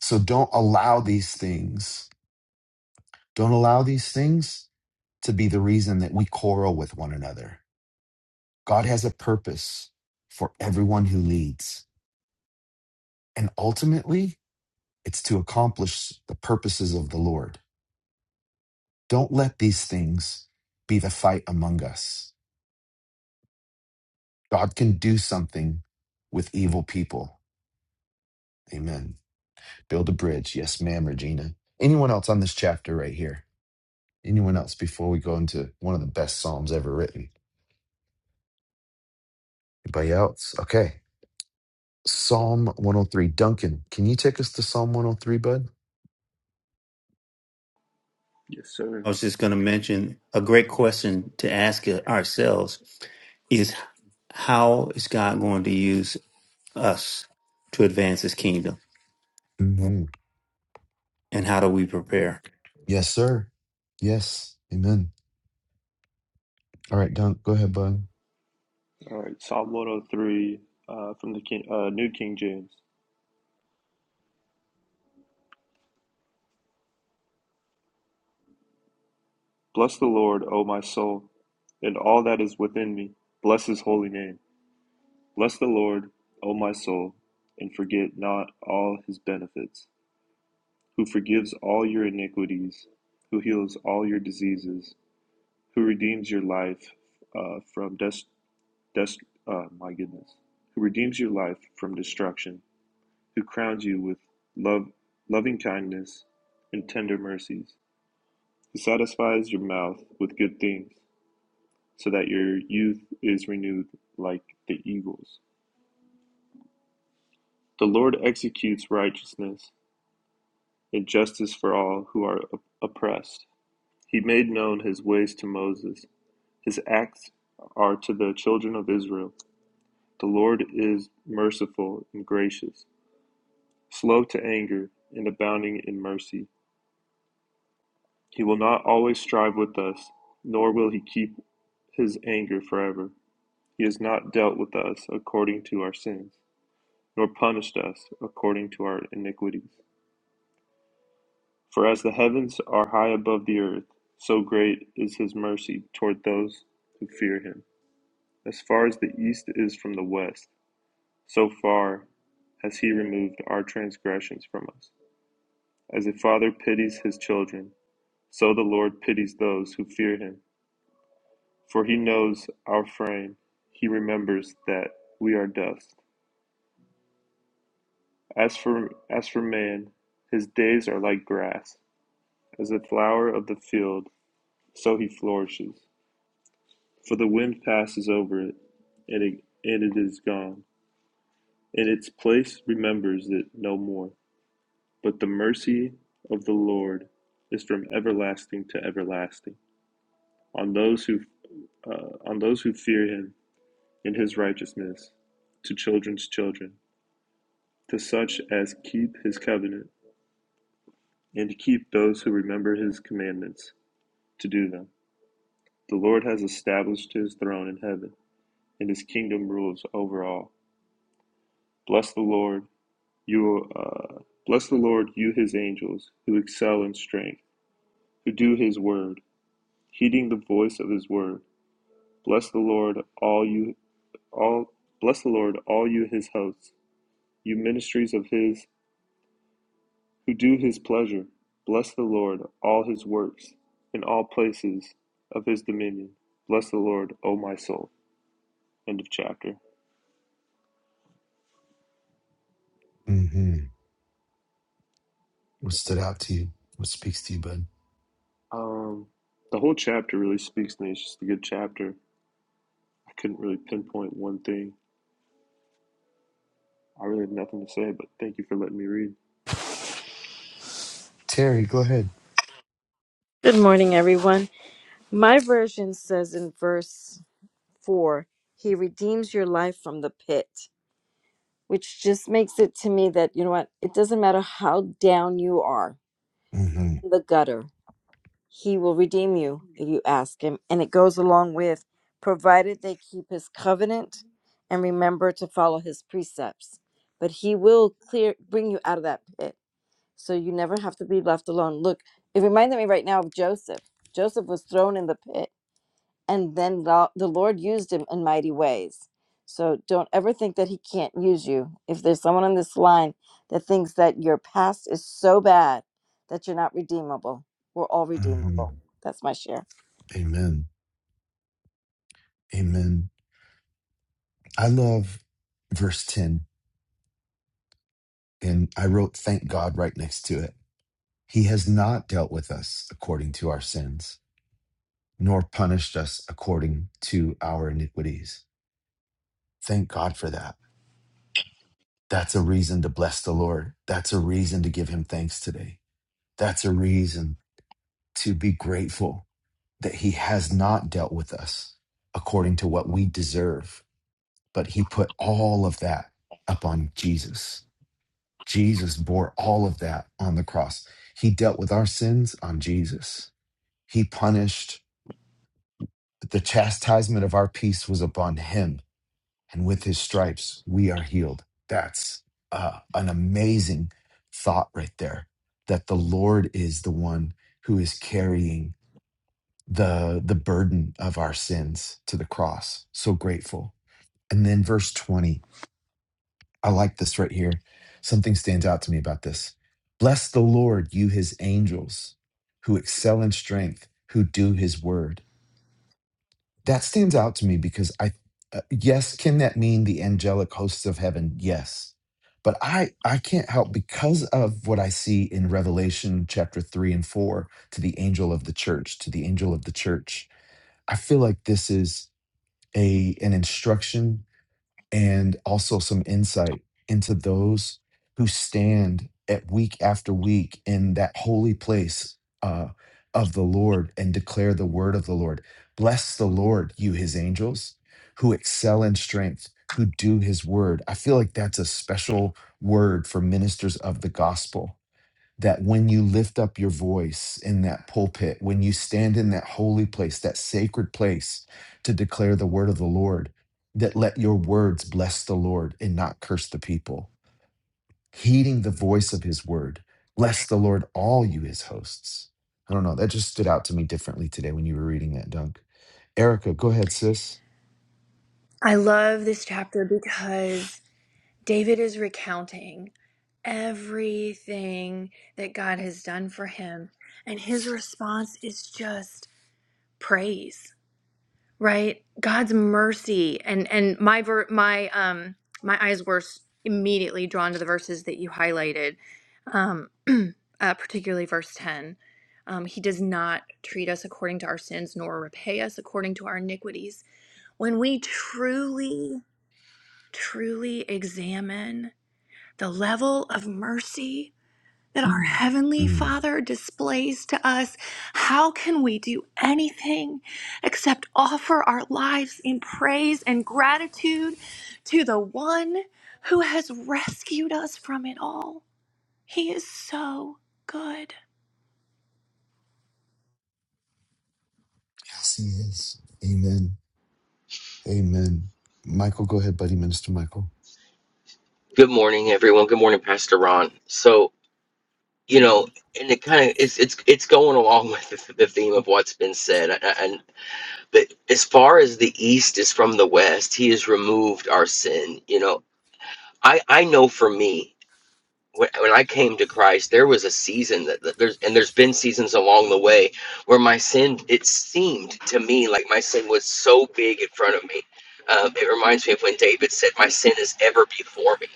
A: So don't allow these things, don't allow these things to be the reason that we quarrel with one another. God has a purpose for everyone who leads. And ultimately, it's to accomplish the purposes of the Lord. Don't let these things be the fight among us. God can do something with evil people. Amen. Build a bridge. Yes, ma'am, Regina. Anyone else on this chapter right here? Anyone else before we go into one of the best Psalms ever written? Anybody else? Okay. Psalm 103. Duncan, can you take us to Psalm 103, bud?
J: Yes, sir.
C: I was just going to mention a great question to ask ourselves is how is God going to use us to advance his kingdom?
A: hmm
C: And how do we prepare?
A: Yes, sir. Yes. Amen. All right, Dunk, go ahead, bud.
J: All right. Psalm 103 uh, from the King, uh, New King James. Bless the Lord, O my soul, and all that is within me. Bless his holy name. Bless the Lord, O my soul, and forget not all his benefits, who forgives all your iniquities, who heals all your diseases, who redeems your life uh, from des- des- uh, my goodness, who redeems your life from destruction who crowns you with love, loving kindness and tender mercies, who satisfies your mouth with good things, so that your youth is renewed like the eagles. The Lord executes righteousness and justice for all who are oppressed. He made known his ways to Moses, his acts are to the children of Israel. The Lord is merciful and gracious, slow to anger, and abounding in mercy. He will not always strive with us, nor will he keep his anger forever. He has not dealt with us according to our sins, nor punished us according to our iniquities. For as the heavens are high above the earth, so great is his mercy toward those who fear him. As far as the east is from the west, so far has he removed our transgressions from us. As a father pities his children, so the Lord pities those who fear him. For he knows our frame, he remembers that we are dust. As for, as for man, his days are like grass. As a flower of the field, so he flourishes. For the wind passes over it, and it, and it is gone. And its place remembers it no more. But the mercy of the Lord is from everlasting to everlasting on those who uh, on those who fear him in his righteousness to children's children to such as keep his covenant, and to keep those who remember his commandments, to do them. The Lord has established his throne in heaven, and his kingdom rules over all. Bless the Lord, you uh, bless the Lord, you his angels, who excel in strength, who do his word, heeding the voice of his word. Bless the Lord, all you all bless the Lord, all you his hosts, you ministries of his who do his pleasure. Bless the Lord, all his works, in all places of his dominion. Bless the Lord, O my soul. End of chapter.
A: hmm What stood out to you? What speaks to you, bud?
J: Um, the whole chapter really speaks to me. It's just a good chapter. I couldn't really pinpoint one thing. I really have nothing to say, but thank you for letting me read.
A: Terry, go ahead.
K: Good morning, everyone. My version says in verse 4, He redeems your life from the pit, which just makes it to me that, you know what, it doesn't matter how down you are
A: hmm
K: in the gutter, He will redeem you if you ask Him. And it goes along with, provided they keep His covenant and remember to follow His precepts. But He will clear, bring you out of that pit. So you never have to be left alone. Look, it reminded me right now of Joseph. Joseph was thrown in the pit and then lo- the Lord used him in mighty ways. So don't ever think that he can't use you. If there's someone on this line that thinks that your past is so bad that you're not redeemable, we're all
A: hmm
K: redeemable. That's my share.
A: Amen. Amen. I love verse 10, and I wrote, Thank God right next to it. He has not dealt with us according to our sins, nor punished us according to our iniquities. Thank God for that. That's a reason to bless the Lord. That's a reason to give him thanks today. That's a reason to be grateful that he has not dealt with us according to what we deserve, but he put all of that up on Jesus. Jesus bore all of that on the cross. He dealt with our sins on Jesus. He punished but the chastisement of our peace was upon him, and with his stripes we are healed. That's uh, an amazing thought right there. That the Lord is the one who is carrying the the burden of our sins to the cross. So grateful. And then verse twenty. I like this right here. Something stands out to me about this. Bless the Lord, you his angels who excel in strength, who do his word. That stands out to me because I uh, yes, can that mean the angelic hosts of heaven? Yes. But I I can't help because of what I see in Revelation chapter 3 and 4 to the angel of the church, to the angel of the church. I feel like this is a an instruction and also some insight into those who stand at week after week in that holy place uh, of the Lord and declare the word of the Lord. Bless the Lord, you his angels, who excel in strength, who do his word. I feel like that's a special word for ministers of the gospel that when you lift up your voice in that pulpit, when you stand in that holy place, that sacred place to declare the word of the Lord, that let your words bless the Lord and not curse the people, heeding the voice of his word. Bless the Lord, all you his hosts. I don't know. That just stood out to me differently today when you were reading that, Dunk. Erica, go ahead, sis.
L: I love this chapter because David is recounting everything that God has done for him, and his response is just praise, right? God's mercy and and my ver- my um my eyes were s- immediately drawn to the verses that you highlighted, um, uh, particularly verse ten. Um, he does not treat us according to our sins, nor repay us according to our iniquities. When we truly truly examine the level of mercy that our Mm. Heavenly
A: Mm.
L: Father displays to us, how can we do anything except offer our lives in praise and gratitude to the one who has rescued us from it all? He is so good.
A: Yes, he is. Amen. Amen. Michael, go ahead, buddy, Minister Michael.
M: Good morning, everyone. Good morning, Pastor Ron. So, you know, and it kind of it's it's it's going along with the, the theme of what's been said. And, and but as far as the East is from the West, He has removed our sin. You know, I I know for me when, when I came to Christ, there was a season that, that there's and there's been seasons along the way where my sin it seemed to me like my sin was so big in front of me. Um, it reminds me of when David said, "My sin is ever before me."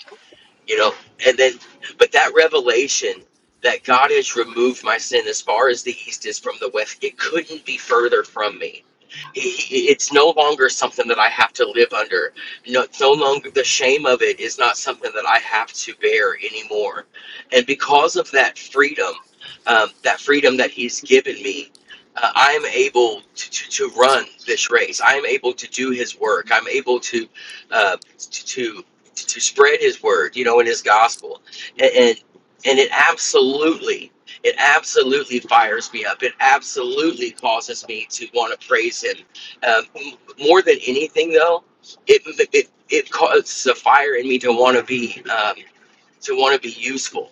M: you know and then but that revelation that god has removed my sin as far as the east is from the west it couldn't be further from me He- he- it's no longer something that i have to live under no, it's no longer the shame of it is not something that i have to bear anymore and because of that freedom um, that freedom that he's given me uh, i am able to, to, to run this race i am able to do his work i'm able to uh, to to, to spread his word, you know, in his gospel. And, and and it absolutely, it absolutely fires me up. It absolutely causes me to want to praise him. Um, m- more than anything, though, it it it causes a fire in me to want to be um, to want to be useful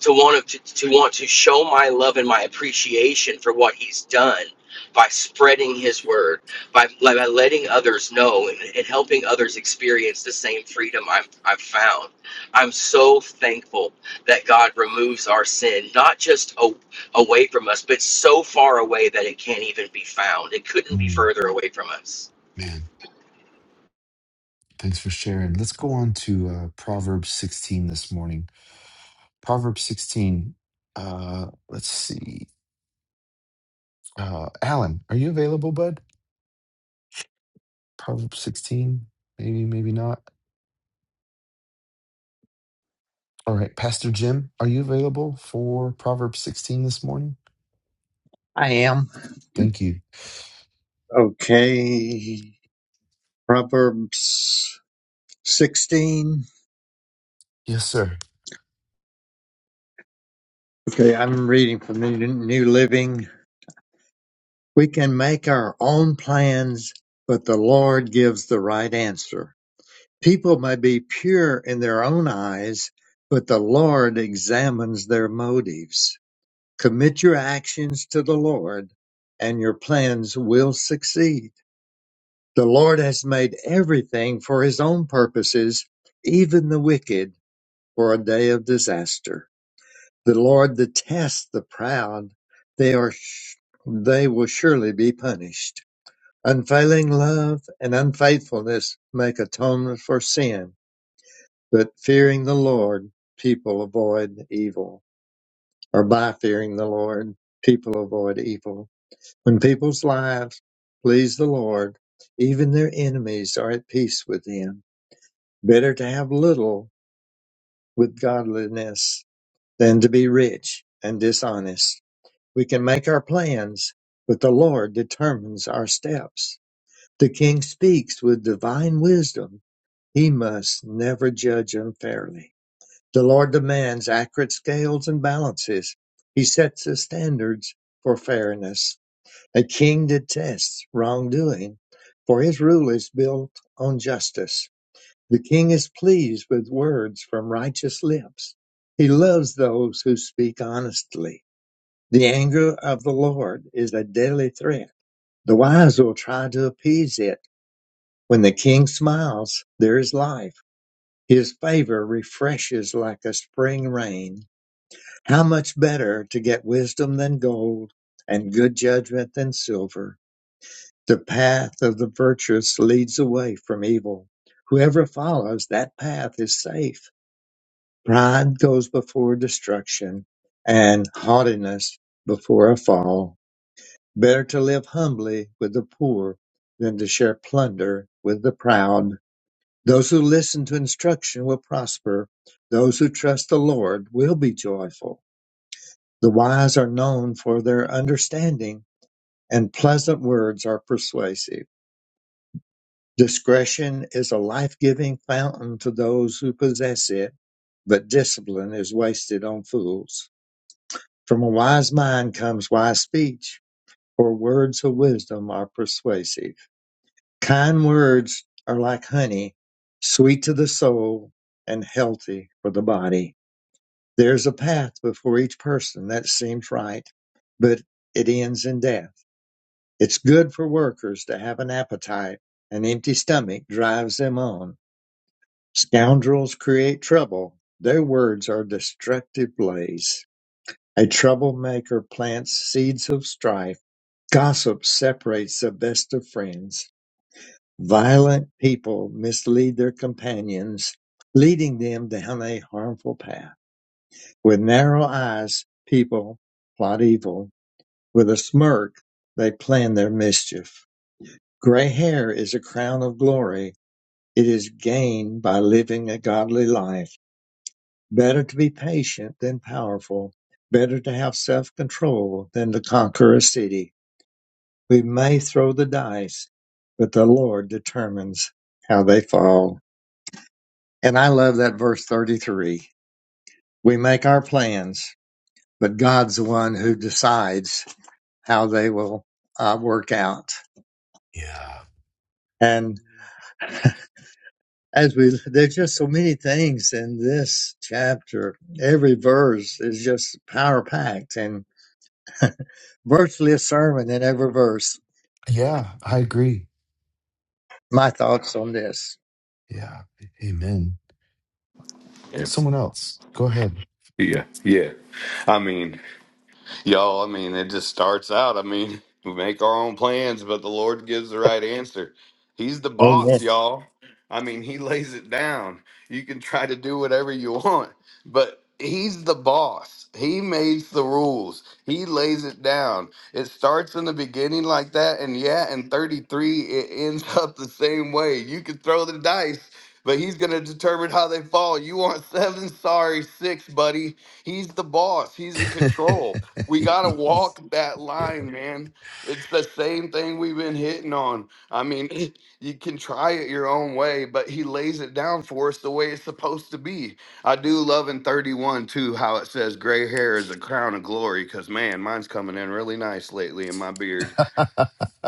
M: to want to, to want to show my love and my appreciation for what he's done by spreading his word by, by letting others know and, and helping others experience the same freedom I've, I've found i'm so thankful that god removes our sin not just a, away from us but so far away that it can't even be found it couldn't be
A: Mm,
M: further away from us
A: Man. Thanks for sharing. Let's go on to uh, Proverbs 16 this morning. Proverbs 16. Uh, let's see. Uh, Alan, are you available, bud? Proverbs 16. Maybe, maybe not. All right. Pastor Jim, are you available for Proverbs 16 this morning?
N: I am.
A: Thank you.
N: Okay. Proverbs 16.
A: Yes, sir.
N: Okay, I'm reading from the New Living. We can make our own plans, but the Lord gives the right answer. People may be pure in their own eyes, but the Lord examines their motives. Commit your actions to the Lord, and your plans will succeed. The Lord has made everything for his own purposes, even the wicked for a day of disaster. The Lord detests the proud; they are sh- they will surely be punished. Unfailing love and unfaithfulness make atonement for sin, but fearing the Lord, people avoid evil. Or by fearing the Lord, people avoid evil. When people's lives please the Lord, even their enemies are at peace with Him. Better to have little with godliness than to be rich and dishonest. We can make our plans, but the Lord determines our steps. The king speaks with divine wisdom. He must never judge unfairly. The Lord demands accurate scales and balances. He sets the standards for fairness. A king detests wrongdoing, for his rule is built on justice. The king is pleased with words from righteous lips. He loves those who speak honestly. The anger of the Lord is a deadly threat. The wise will try to appease it. When the king smiles, there is life. His favor refreshes like a spring rain. How much better to get wisdom than gold and good judgment than silver. The path of the virtuous leads away from evil. Whoever follows that path is safe. Pride goes before destruction and haughtiness before a fall. Better to live humbly with the poor than to share plunder with the proud. Those who listen to instruction will prosper. Those who trust the Lord will be joyful. The wise are known for their understanding, and pleasant words are persuasive. Discretion is a life giving fountain to those who possess it, but discipline is wasted on fools. From a wise mind comes wise speech, for words of wisdom are persuasive. Kind words are like honey, sweet to the soul and healthy for the body. There's a path before each person that seems right, but it ends in death. It's good for workers to have an appetite. An empty stomach drives them on. Scoundrels create trouble. Their words are destructive blaze. A troublemaker plants seeds of strife. Gossip separates the best of friends. Violent people mislead their companions, leading them down a harmful path. With narrow eyes, people plot evil. With a smirk, they plan their mischief. Gray hair is a crown of glory. It is gained by living a godly life. Better to be patient than powerful. Better to have self control than to conquer a city. We may throw the dice, but the Lord determines how they fall. And I love that verse 33. We make our plans, but God's the one who decides how they will uh, work out.
A: Yeah.
N: And as we, there's just so many things in this chapter. Every verse is just power packed and virtually a sermon in every verse.
A: Yeah, I agree.
N: My thoughts on this.
A: Yeah. Amen.
O: Yeah,
A: Someone else, go ahead.
O: yeah, yeah. I mean, Y'all, I mean, it just starts out. I mean, we make our own plans, but the Lord gives the right answer. He's the
N: Amen.
O: boss, y'all. I mean, He lays it down. You can try to do whatever you want, but He's the boss. He makes the rules, He lays it down. It starts in the beginning like that, and yeah, in 33, it ends up the same way. You can throw the dice. But he's going to determine how they fall. You want seven? Sorry, six, buddy. He's the boss. He's in control. We got to
A: yes.
O: walk that
A: Yeah.
O: line, man. It's the same thing we've been hitting on. I mean, you can try it your own way, but he lays it down for us the way it's supposed to be. I do love in 31 too how it says gray hair is a crown of glory because man, mine's coming in really nice lately in my beard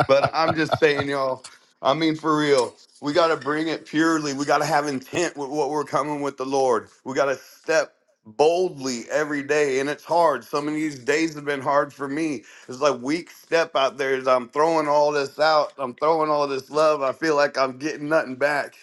O: but I'm just saying, y'all, I mean, for real, we got to bring it purely. We got to have intent with what we're coming with the Lord. We got to step boldly every day. And it's hard. Some of these days have been hard for me. It's like weak step out there as I'm throwing all this out. I'm throwing all this love. I feel like I'm getting nothing back.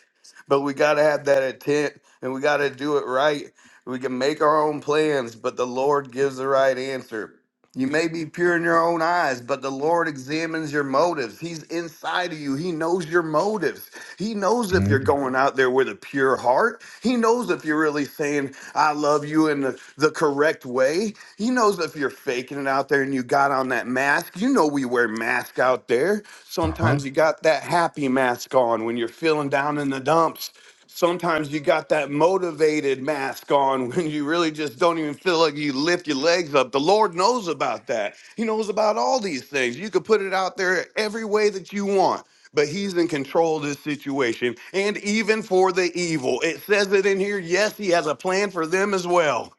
O: But we got to have that intent and we got to do it right. We can make our own plans, but the Lord gives the right answer. You may be pure in your own eyes, but the Lord examines your motives. He's inside of you. He knows your motives. He knows if you're
A: Mm.
O: going out there with a pure heart. He knows if you're really saying, I love you in the, the correct way. He knows if you're faking it out there and you got on that mask. You know, we wear masks out there.
A: Uh huh.
O: Sometimes you got that happy mask on when you're feeling down in the dumps sometimes you got that motivated mask on when you really just don't even feel like you lift your legs up. The Lord knows about that. He knows about all these things. You could put it out there every way that you want. But he's in control of this situation and even for the evil. It says it in here. Yes, he has a plan for them as well.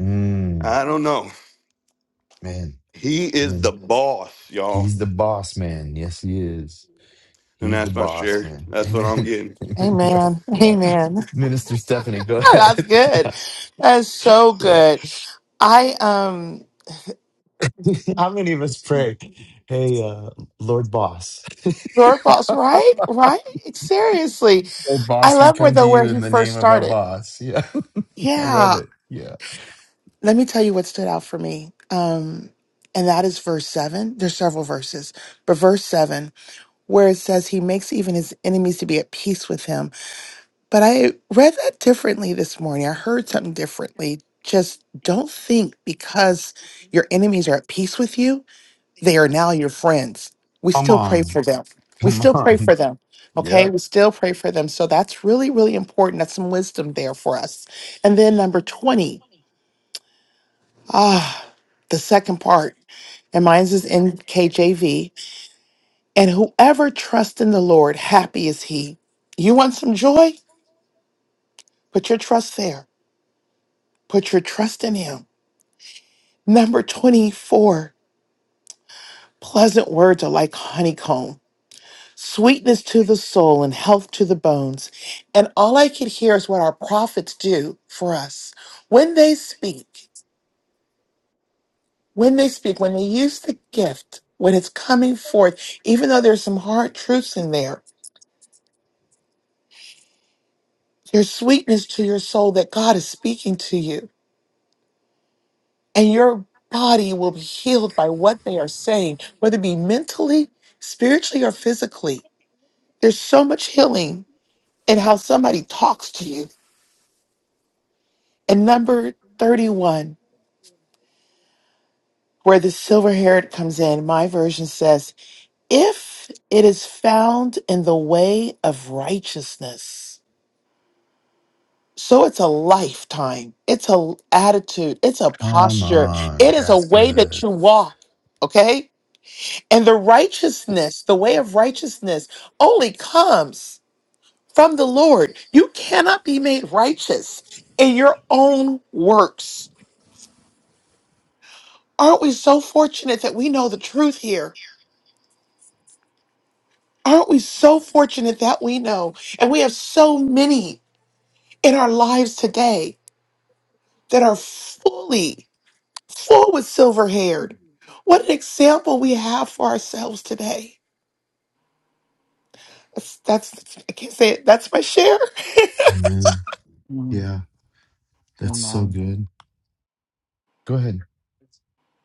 A: Mm.
O: I don't know.
A: Man.
O: He is the
A: Man.
O: boss, y'all.
A: He's the boss man. Yes, he is.
O: And
A: He's the
O: that's my
A: boss
O: share.
A: man.
O: That's what I'm
A: Amen.
O: getting.
A: Amen, bro.
B: Amen.
A: Yeah.
B: Amen.
A: Minister Stephanie, go ahead.
B: That's good.
A: Yeah.
B: That's so
A: Yeah.
B: good. I um
A: How many of us pray? Hey, uh, Lord Boss.
B: Lord boss, right? Right? Seriously.
A: Lord
B: I
A: Boss, we
B: love where
A: come to
B: though
A: you
B: where he
A: in the
B: first
A: name of our
B: started.
A: boss. Yeah. I
B: Yeah.
A: love it. Yeah.
B: Let me tell you what stood out for me. Um, and that is verse seven. There's several verses, but verse seven, where it says he makes even his enemies to be at peace with him. But I read that differently this morning. I heard something differently. Just don't think because your enemies are at peace with you, they are now your friends. We
A: Come
B: still pray
A: on.
B: for them. We
A: Come
B: still pray
A: on.
B: for them. Okay.
A: Yep.
B: We still pray for them. So that's really, really important. That's some wisdom there for us. And then number 20. Ah, the second part, and mine's is NKJV. And whoever trusts in the Lord, happy is he. You want some joy? Put your trust there. Put your trust in him. Number 24, pleasant words are like honeycomb, sweetness to the soul and health to the bones. And all I could hear is what our prophets do for us. When they speak, when they speak, when they use the gift, when it's coming forth, even though there's some hard truths in there, Your sweetness to your soul that God is speaking to you, and your body will be healed by what they are saying, whether it be mentally, spiritually, or physically. There's so much healing in how somebody talks to you. And number 31, where the silver haired comes in, my version says, If it is found in the way of righteousness. So it's a lifetime. It's a attitude. It's a
A: Come
B: posture.
A: on.
B: It is a
A: That's
B: way that
A: good.
B: you walk. Okay. And the righteousness, the way of righteousness only comes from the Lord. You cannot be made righteous in your own works. Aren't we so fortunate that we know the truth here? Aren't we so fortunate that we know? And we have so many in our lives today that are fully Full with silver haired. What an example we have for ourselves today. That's, that's I can't say it. That's my share.
A: Amen.
E: Mm,
A: Yeah. That's
E: come
A: so
E: on.
A: good. Go ahead.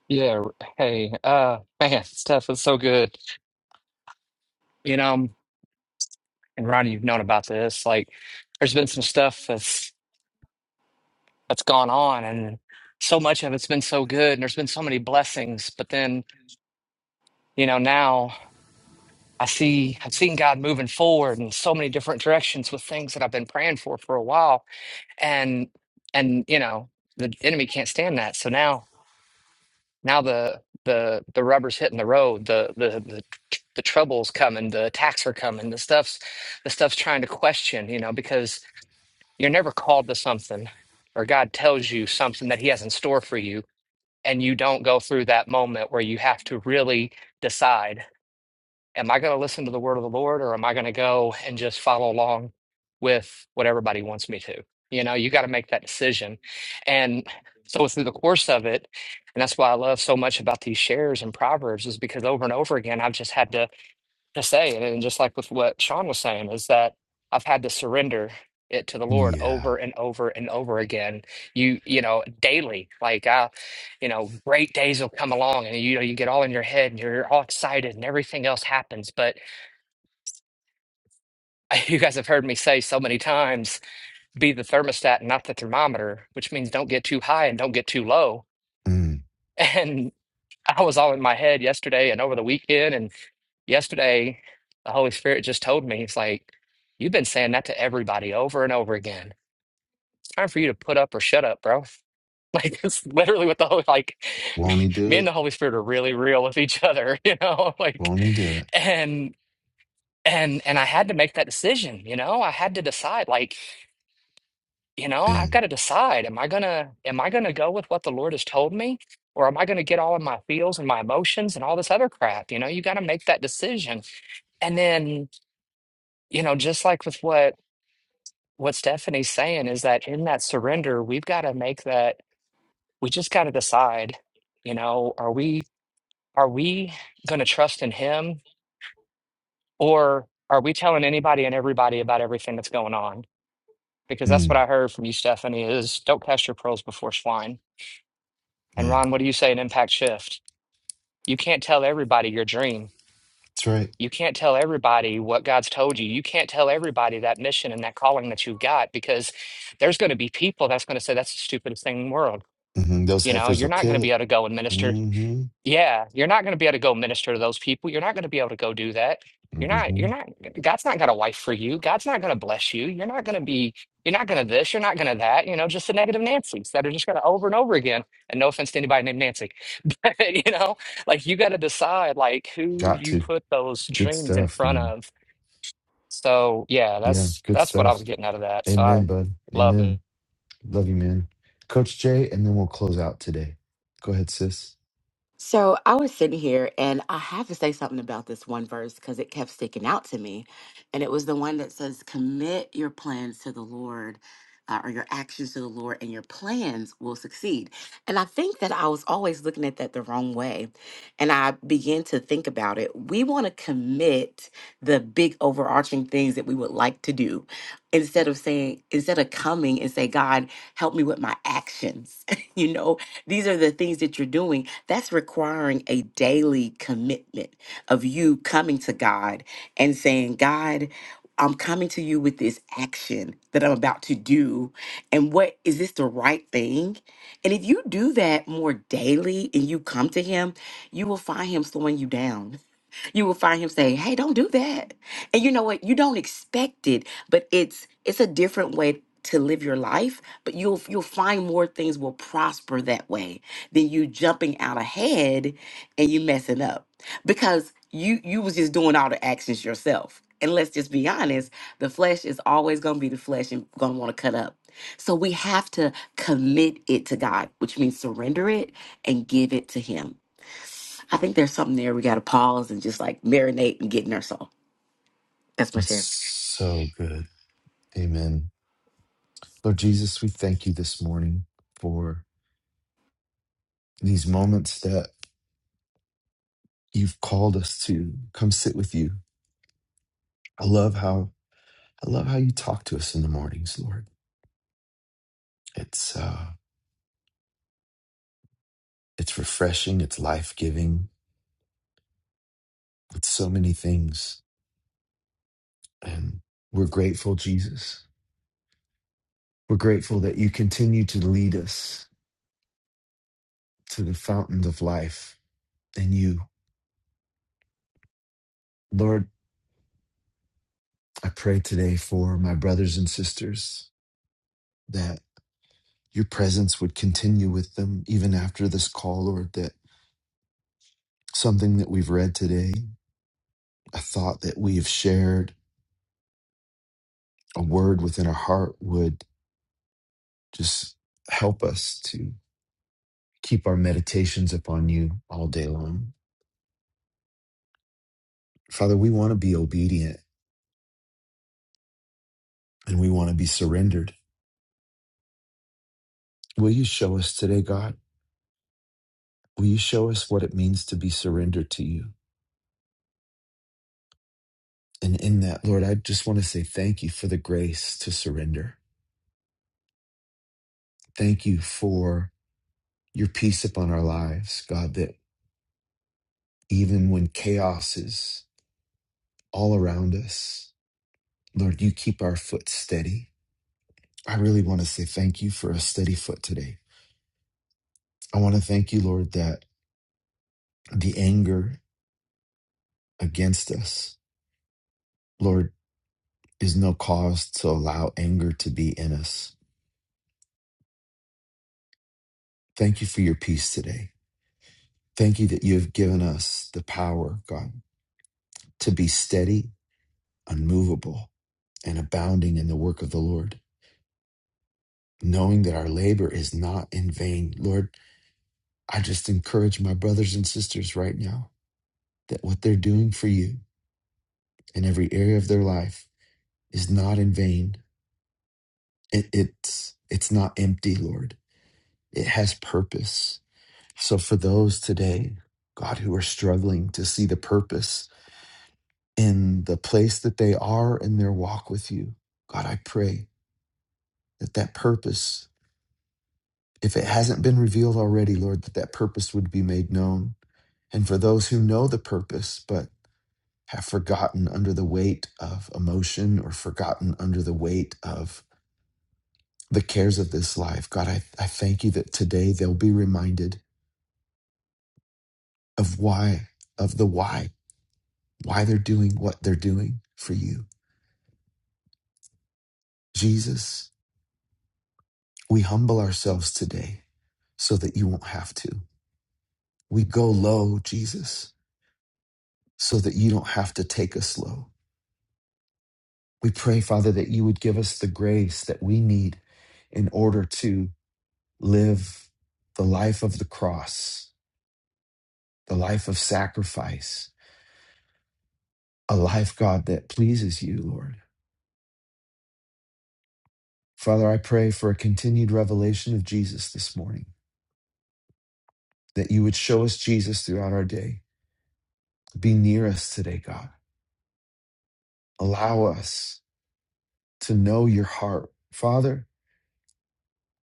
E: Yeah. Hey, uh, man, stuff is so good. You know, and Ronnie, you've known about this. Like, there's been some stuff that's that's gone on, and so much of it's been so good, and there's been so many blessings. But then, you know, now I see I've seen God moving forward in so many different directions with things that I've been praying for for a while, and and you know, the enemy can't stand that. So now. Now the the the rubber's hitting the road. The the the the trouble's coming. The attacks are coming. The stuff's the stuff's trying to question. You know, because you're never called to something, or God tells you something that He has in store for you, and you don't go through that moment where you have to really decide am I going to listen to the word of the Lord or am I going to go and just follow along with what everybody wants me to? You know, you got to make that decision. And so through the course of it, and that's why I love so much about these shares and proverbs is because over and over again, I've just had to just saying, and just like with what Sean was saying, is that I've had to surrender it to the Lord
A: Yeah.
E: over and over and over again. You, you know, daily. Like I, you know, great days will come along, and you know, you get all in your head, and you're all excited, and everything else happens. But you guys have heard me say so many times, be the thermostat, not the thermometer, which means don't get too high and don't get too low.
A: Mm.
E: And I was all in my head yesterday and over the weekend, and. Yesterday, the Holy Spirit just told me, it's like, you've been saying that to everybody over and over again. It's time for you to put up or shut up, bro. Like it's literally what the Holy like me,
A: Won't he do
E: me and
A: it?
E: the Holy Spirit are really real with each other, you know? Like
A: Won't he do it?
E: and and and I had to make that decision, you know? I had to decide like, you know, I've
A: Man.
E: got to decide am I going to am I going to go with what the Lord has told me or am I going to get all in my feels and my emotions and all this other crap, you know? You got to make that decision. And then you know, just like with what what Stephanie's saying is that in that surrender, we've got to make that we just got to decide, you know, are we are we going to trust in him or are we telling anybody and everybody about everything that's going on? Because that's what
A: Mm.
E: I heard from you, Stephanie, is don't cast your pearls before swine. And
A: Man.
E: Ron, what do you say in Impact Shift? You can't tell everybody your dream
A: That's right.
E: You can't tell everybody what God's told you. You can't tell everybody that mission and that calling that you've got because there's going to be people that's going to say that's the stupidest thing in the world.
A: hmm Those
E: You know,
A: heifers
E: you're
A: will
E: not going to
A: kill
E: be
A: it.
E: able to go and minister
A: hmm
E: yeah, you're not going to be able to go minister to those people. You're not going to be able to go do that. You're not,
A: hmm
E: you're not, God's not got a wife for you. God's not going to bless you. You're not going to be, you're not going to this, you're not going to that. You know, just the negative Nancy's that are just going to over and over again. And no offense to anybody named Nancy, but you know, like you got to decide like who
A: Got
E: you
A: to.
E: put those
A: Good
E: dreams in
A: stuff,
E: front
A: man.
E: of. So yeah,
A: Yeah,
E: that's,
A: good
E: that's what I
A: stuff.
E: was getting out of that. So I
A: Amen, bud.
E: love it.
A: Amen. Love you, man. Coach Jay, and then we'll close out today. Go ahead, sis.
P: So I was sitting here and I have to say something about this one verse because it kept sticking out to me. And it was the one that says, Commit your plans to the Lord uh, or your actions to the Lord, and your plans will succeed. And I think that I was always looking at that the wrong way. And I began to think about it. We want to commit the big overarching things that we would like to do instead of saying, instead of coming and say, God, help me with my actions. you know, these are the things that you're doing that's requiring a daily commitment of you coming to God and saying, God, I'm coming to you with this action that I'm about to do. And what is this the right thing? And if you do that more daily and you come to Him, you will find Him slowing you down you will find him saying, "Hey, don't do that." And you know what? You don't expect it, but it's it's a different way to live your life, but you'll you'll find more things will prosper that way than you jumping out ahead and you messing up. Because you you was just doing all the actions yourself. And let's just be honest, the flesh is always going to be the flesh and going to want to cut up. So we have to commit it to God, which means surrender it and give it to him I think there's something there we got to pause and just like marinate and get in our soul. That's my
A: That's
P: share.
A: so good. Amen. Lord Jesus, we thank you this morning for these moments that you've called us to come sit with you. I love how I love how you talk to us in the mornings, Lord. It's uh it's refreshing, it's life-giving, it's so many things. And we're grateful, Jesus. We're grateful that you continue to lead us to the fountains of life in you. Lord, I pray today for my brothers and sisters that your presence would continue with them even after this call, Lord, that something that we've read today, a thought that we have shared, a word within our heart would Just help us to keep our meditations upon you all day long. Father, we want to be obedient and we want to be surrendered. Will you show us today, God? Will you show us what it means to be surrendered to you? And in that, Lord, I just want to say thank you for the grace to surrender. Thank you for your peace upon our lives, God, that even when chaos is all around us, Lord, you keep our foot steady. I really want to say thank you for a steady foot today. I want to thank you, Lord, that the anger against us, Lord, is no cause to allow anger to be in us. Thank you for your peace today. Thank you that you have given us the power, God, to be steady, unmovable, and abounding in the work of the Lord, knowing that our labor is not in vain. Lord, I just encourage my brothers and sisters right now that what they're doing for you in every area of their life is not in vain. It, it's it's not empty, Lord it has purpose. So, for those today, God, who are struggling to see the purpose in the place that they are in their walk with you, God, I pray that that purpose, if it hasn't been revealed already, Lord, that that purpose would be made known. And for those who know the purpose, but have forgotten under the weight of emotion or forgotten under the weight of the cares of this life, God, I, I thank you that today they'll be reminded of why, of the why why they're doing what they're doing for you. Jesus, we humble ourselves today so that you won't have to. We go low, Jesus, so that you don't have to take us low. We pray, Father, that you would give us the grace that we need in order to live the life of the cross, the life of sacrifice, a life, God, that pleases you, Lord. Father, I pray for a continued revelation of Jesus this morning, that you would show us Jesus throughout our day Be near us today, God. Allow us to know your heart, Father,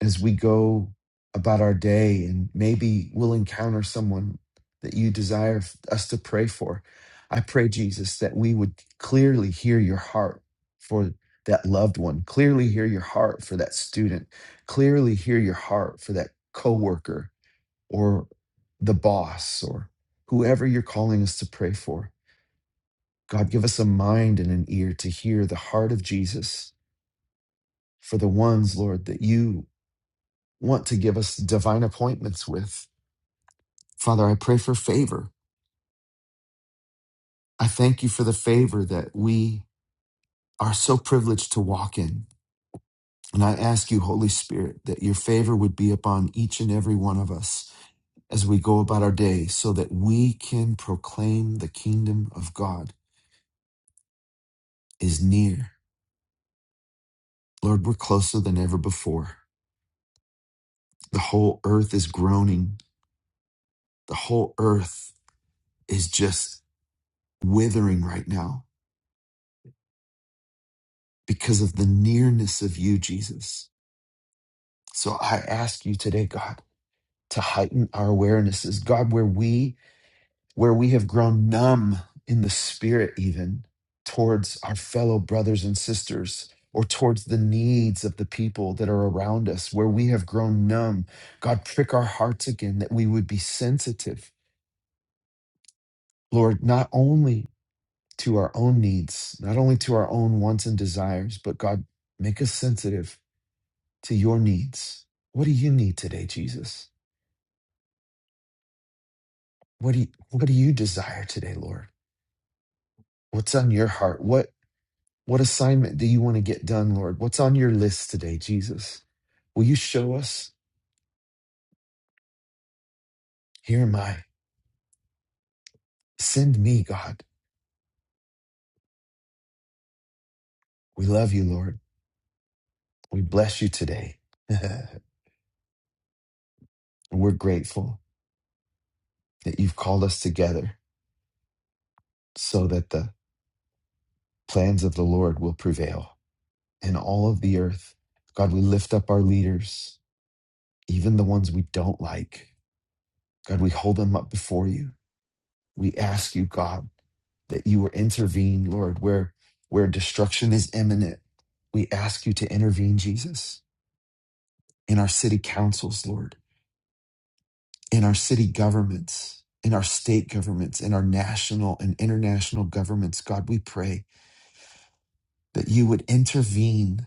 A: as we go about our day, and maybe we'll encounter someone that you desire us to pray for. I pray, Jesus, that we would clearly hear your heart for that loved one, clearly hear your heart for that student, clearly hear your heart for that coworker or the boss or whoever you're calling us to pray for God, give us a mind and an ear to hear the heart of Jesus for the ones, Lord, that you want to give us divine appointments with. Father, I pray for favor. I thank you for the favor that we are so privileged to walk in. And I ask you, Holy Spirit, that your favor would be upon each and every one of us as we go about our day so that we can proclaim the kingdom of God is near. Lord, we're closer than ever before. The whole earth is groaning. The whole earth is just withering right now because of the nearness of you, Jesus. So I ask you today, God, to heighten our awarenesses, God, where we where we have grown numb in the spirit even towards our fellow brothers and sisters or towards the needs of the people that are around us, where we have grown numb. God, prick our hearts again that we would be sensitive, Lord, not only to our own needs, not only to our own wants and desires, but God, make us sensitive to your needs. What do you need today, Jesus? What do you, what do you desire today, Lord? What's on your heart? What what assignment do you want to get done, Lord? What's on your list today, Jesus? Will you show us? Here am I. Send me, God. We love you, Lord. We bless you today. We're grateful that you've called us together so that the plans of the Lord will prevail. in all of the earth. God, we lift up our leaders, even the ones we don't like. God, we hold them up before you. We ask you, God, that you will intervene, Lord, where where destruction is imminent. We ask you to intervene, Jesus, in our city councils, Lord, in our city governments, in our state governments, in our national and international governments. God, we pray that you would intervene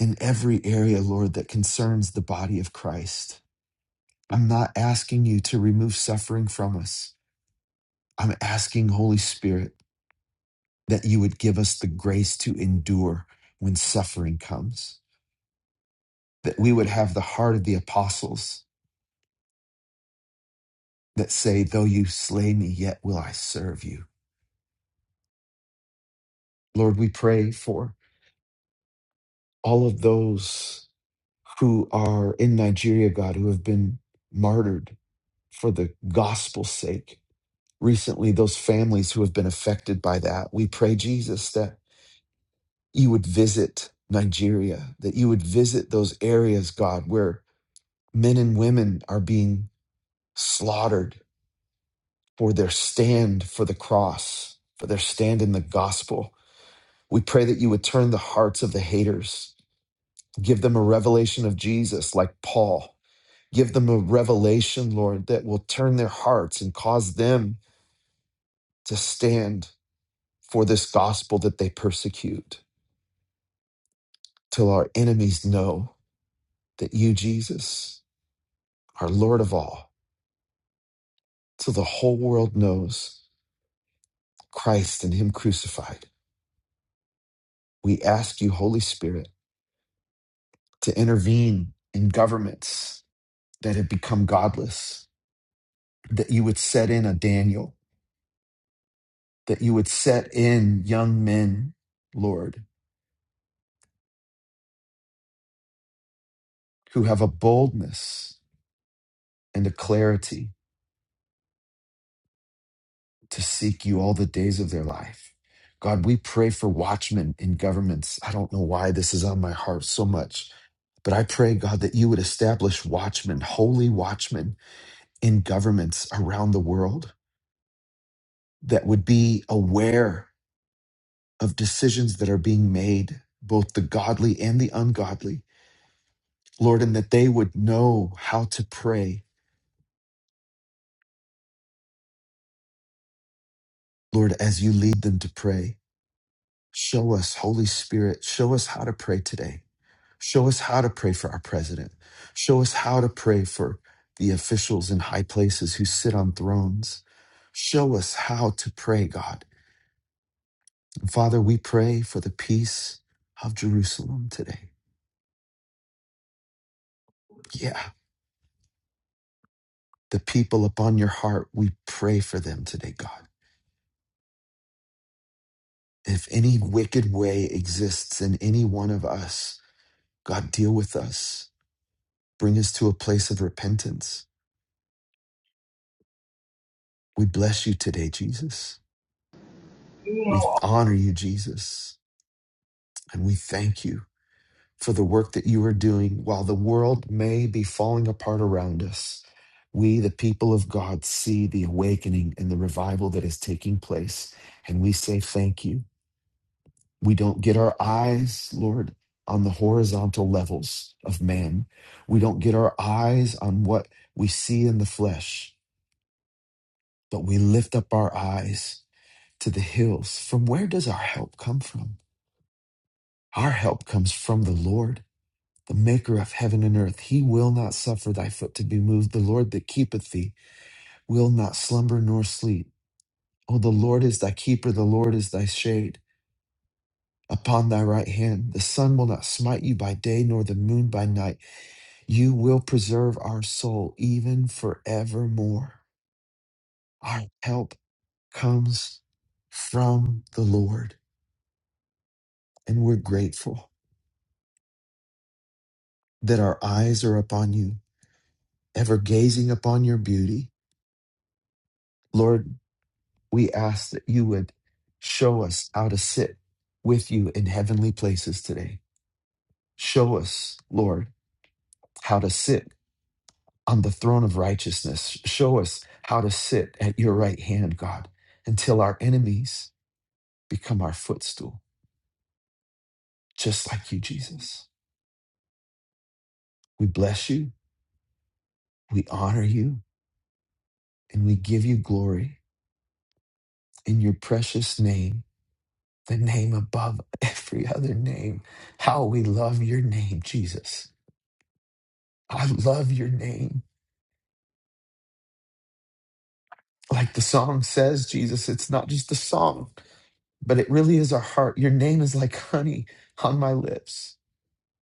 A: in every area, Lord, that concerns the body of Christ. I'm not asking you to remove suffering from us. I'm asking, Holy Spirit, that you would give us the grace to endure when suffering comes, that we would have the heart of the apostles that say, Though you slay me, yet will I serve you. Lord, we pray for all of those who are in Nigeria, God, who have been martyred for the gospel's sake. Recently, those families who have been affected by that, we pray, Jesus, that you would visit Nigeria, that you would visit those areas, God, where men and women are being slaughtered for their stand for the cross, for their stand in the gospel. We pray that you would turn the hearts of the haters, give them a revelation of Jesus, like Paul. Give them a revelation, Lord, that will turn their hearts and cause them to stand for this gospel that they persecute, till our enemies know that you, Jesus, are Lord of all till the whole world knows Christ and Him crucified. We ask you, Holy Spirit, to intervene in governments that have become godless, that you would set in a Daniel, that you would set in young men, Lord, who have a boldness and a clarity to seek you all the days of their life. God, we pray for watchmen in governments. I don't know why this is on my heart so much, but I pray, God, that you would establish watchmen, holy watchmen in governments around the world that would be aware of decisions that are being made, both the godly and the ungodly, Lord, and that they would know how to pray. Lord, as you lead them to pray, show us, Holy Spirit, show us how to pray today. Show us how to pray for our president. Show us how to pray for the officials in high places who sit on thrones. Show us how to pray, God. And Father, we pray for the peace of Jerusalem today. Yeah. The people upon your heart, we pray for them today, God. If any wicked way exists in any one of us, God, deal with us. Bring us to a place of repentance. We bless you today, Jesus.
Q: you
A: We
Q: know,
A: honor you, Jesus. And we thank you for the work that you are doing while the world may be falling apart around us. We, the people of God, see the awakening and the revival that is taking place. And we say thank you. We don't get our eyes, Lord, on the horizontal levels of man. We don't get our eyes on what we see in the flesh, but we lift up our eyes to the hills. From where does our help come from? Our help comes from the Lord, the maker of heaven and earth. He will not suffer thy foot to be moved. The Lord that keepeth thee will not slumber nor sleep. Oh, the Lord is thy keeper, the Lord is thy shade upon thy right hand. The sun will not smite you by day, nor the moon by night. You will preserve our soul even forevermore. Our help comes from the Lord, and we're grateful that our eyes are upon you, ever gazing upon your beauty. Lord, we ask that you would show us how to sit with you in heavenly places today. Show us, Lord, how to sit on the throne of righteousness. Show us how to sit at your right hand, God, until our enemies become our footstool. just like you, Jesus. We bless you, we honor you, and we give you glory in your precious name, the name above every other name. How we love your name, Jesus. I love your name. Like the song says, Jesus, it's not just a song, but it really is our heart. Your name is like honey on my lips.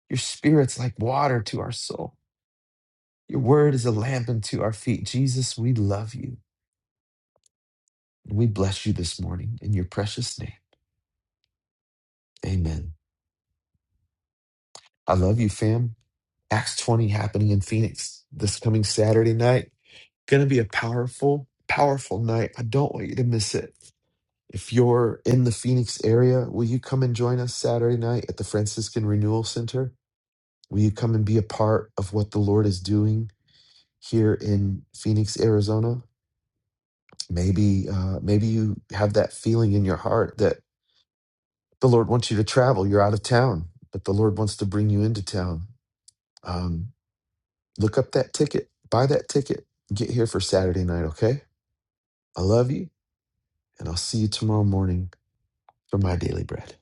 A: Your spirit's like water to our soul. Your word is a lamp unto our feet. Jesus, we love you. We bless you this morning in your precious name. Amen. I love you, fam. Acts 20 happening in Phoenix this coming Saturday night. Going to be a powerful, powerful night. I don't want you to miss it. If you're in the Phoenix area, will you come and join us Saturday night at the Franciscan Renewal Center? Will you come and be a part of what the Lord is doing here in Phoenix, Arizona? Maybe, uh, maybe you have that feeling in your heart that the Lord wants you to travel. You're out of town, but the Lord wants to bring you into town. Um, Look up that ticket, buy that ticket, get here for Saturday night, okay? I love you, and I'll see you tomorrow morning for my daily bread.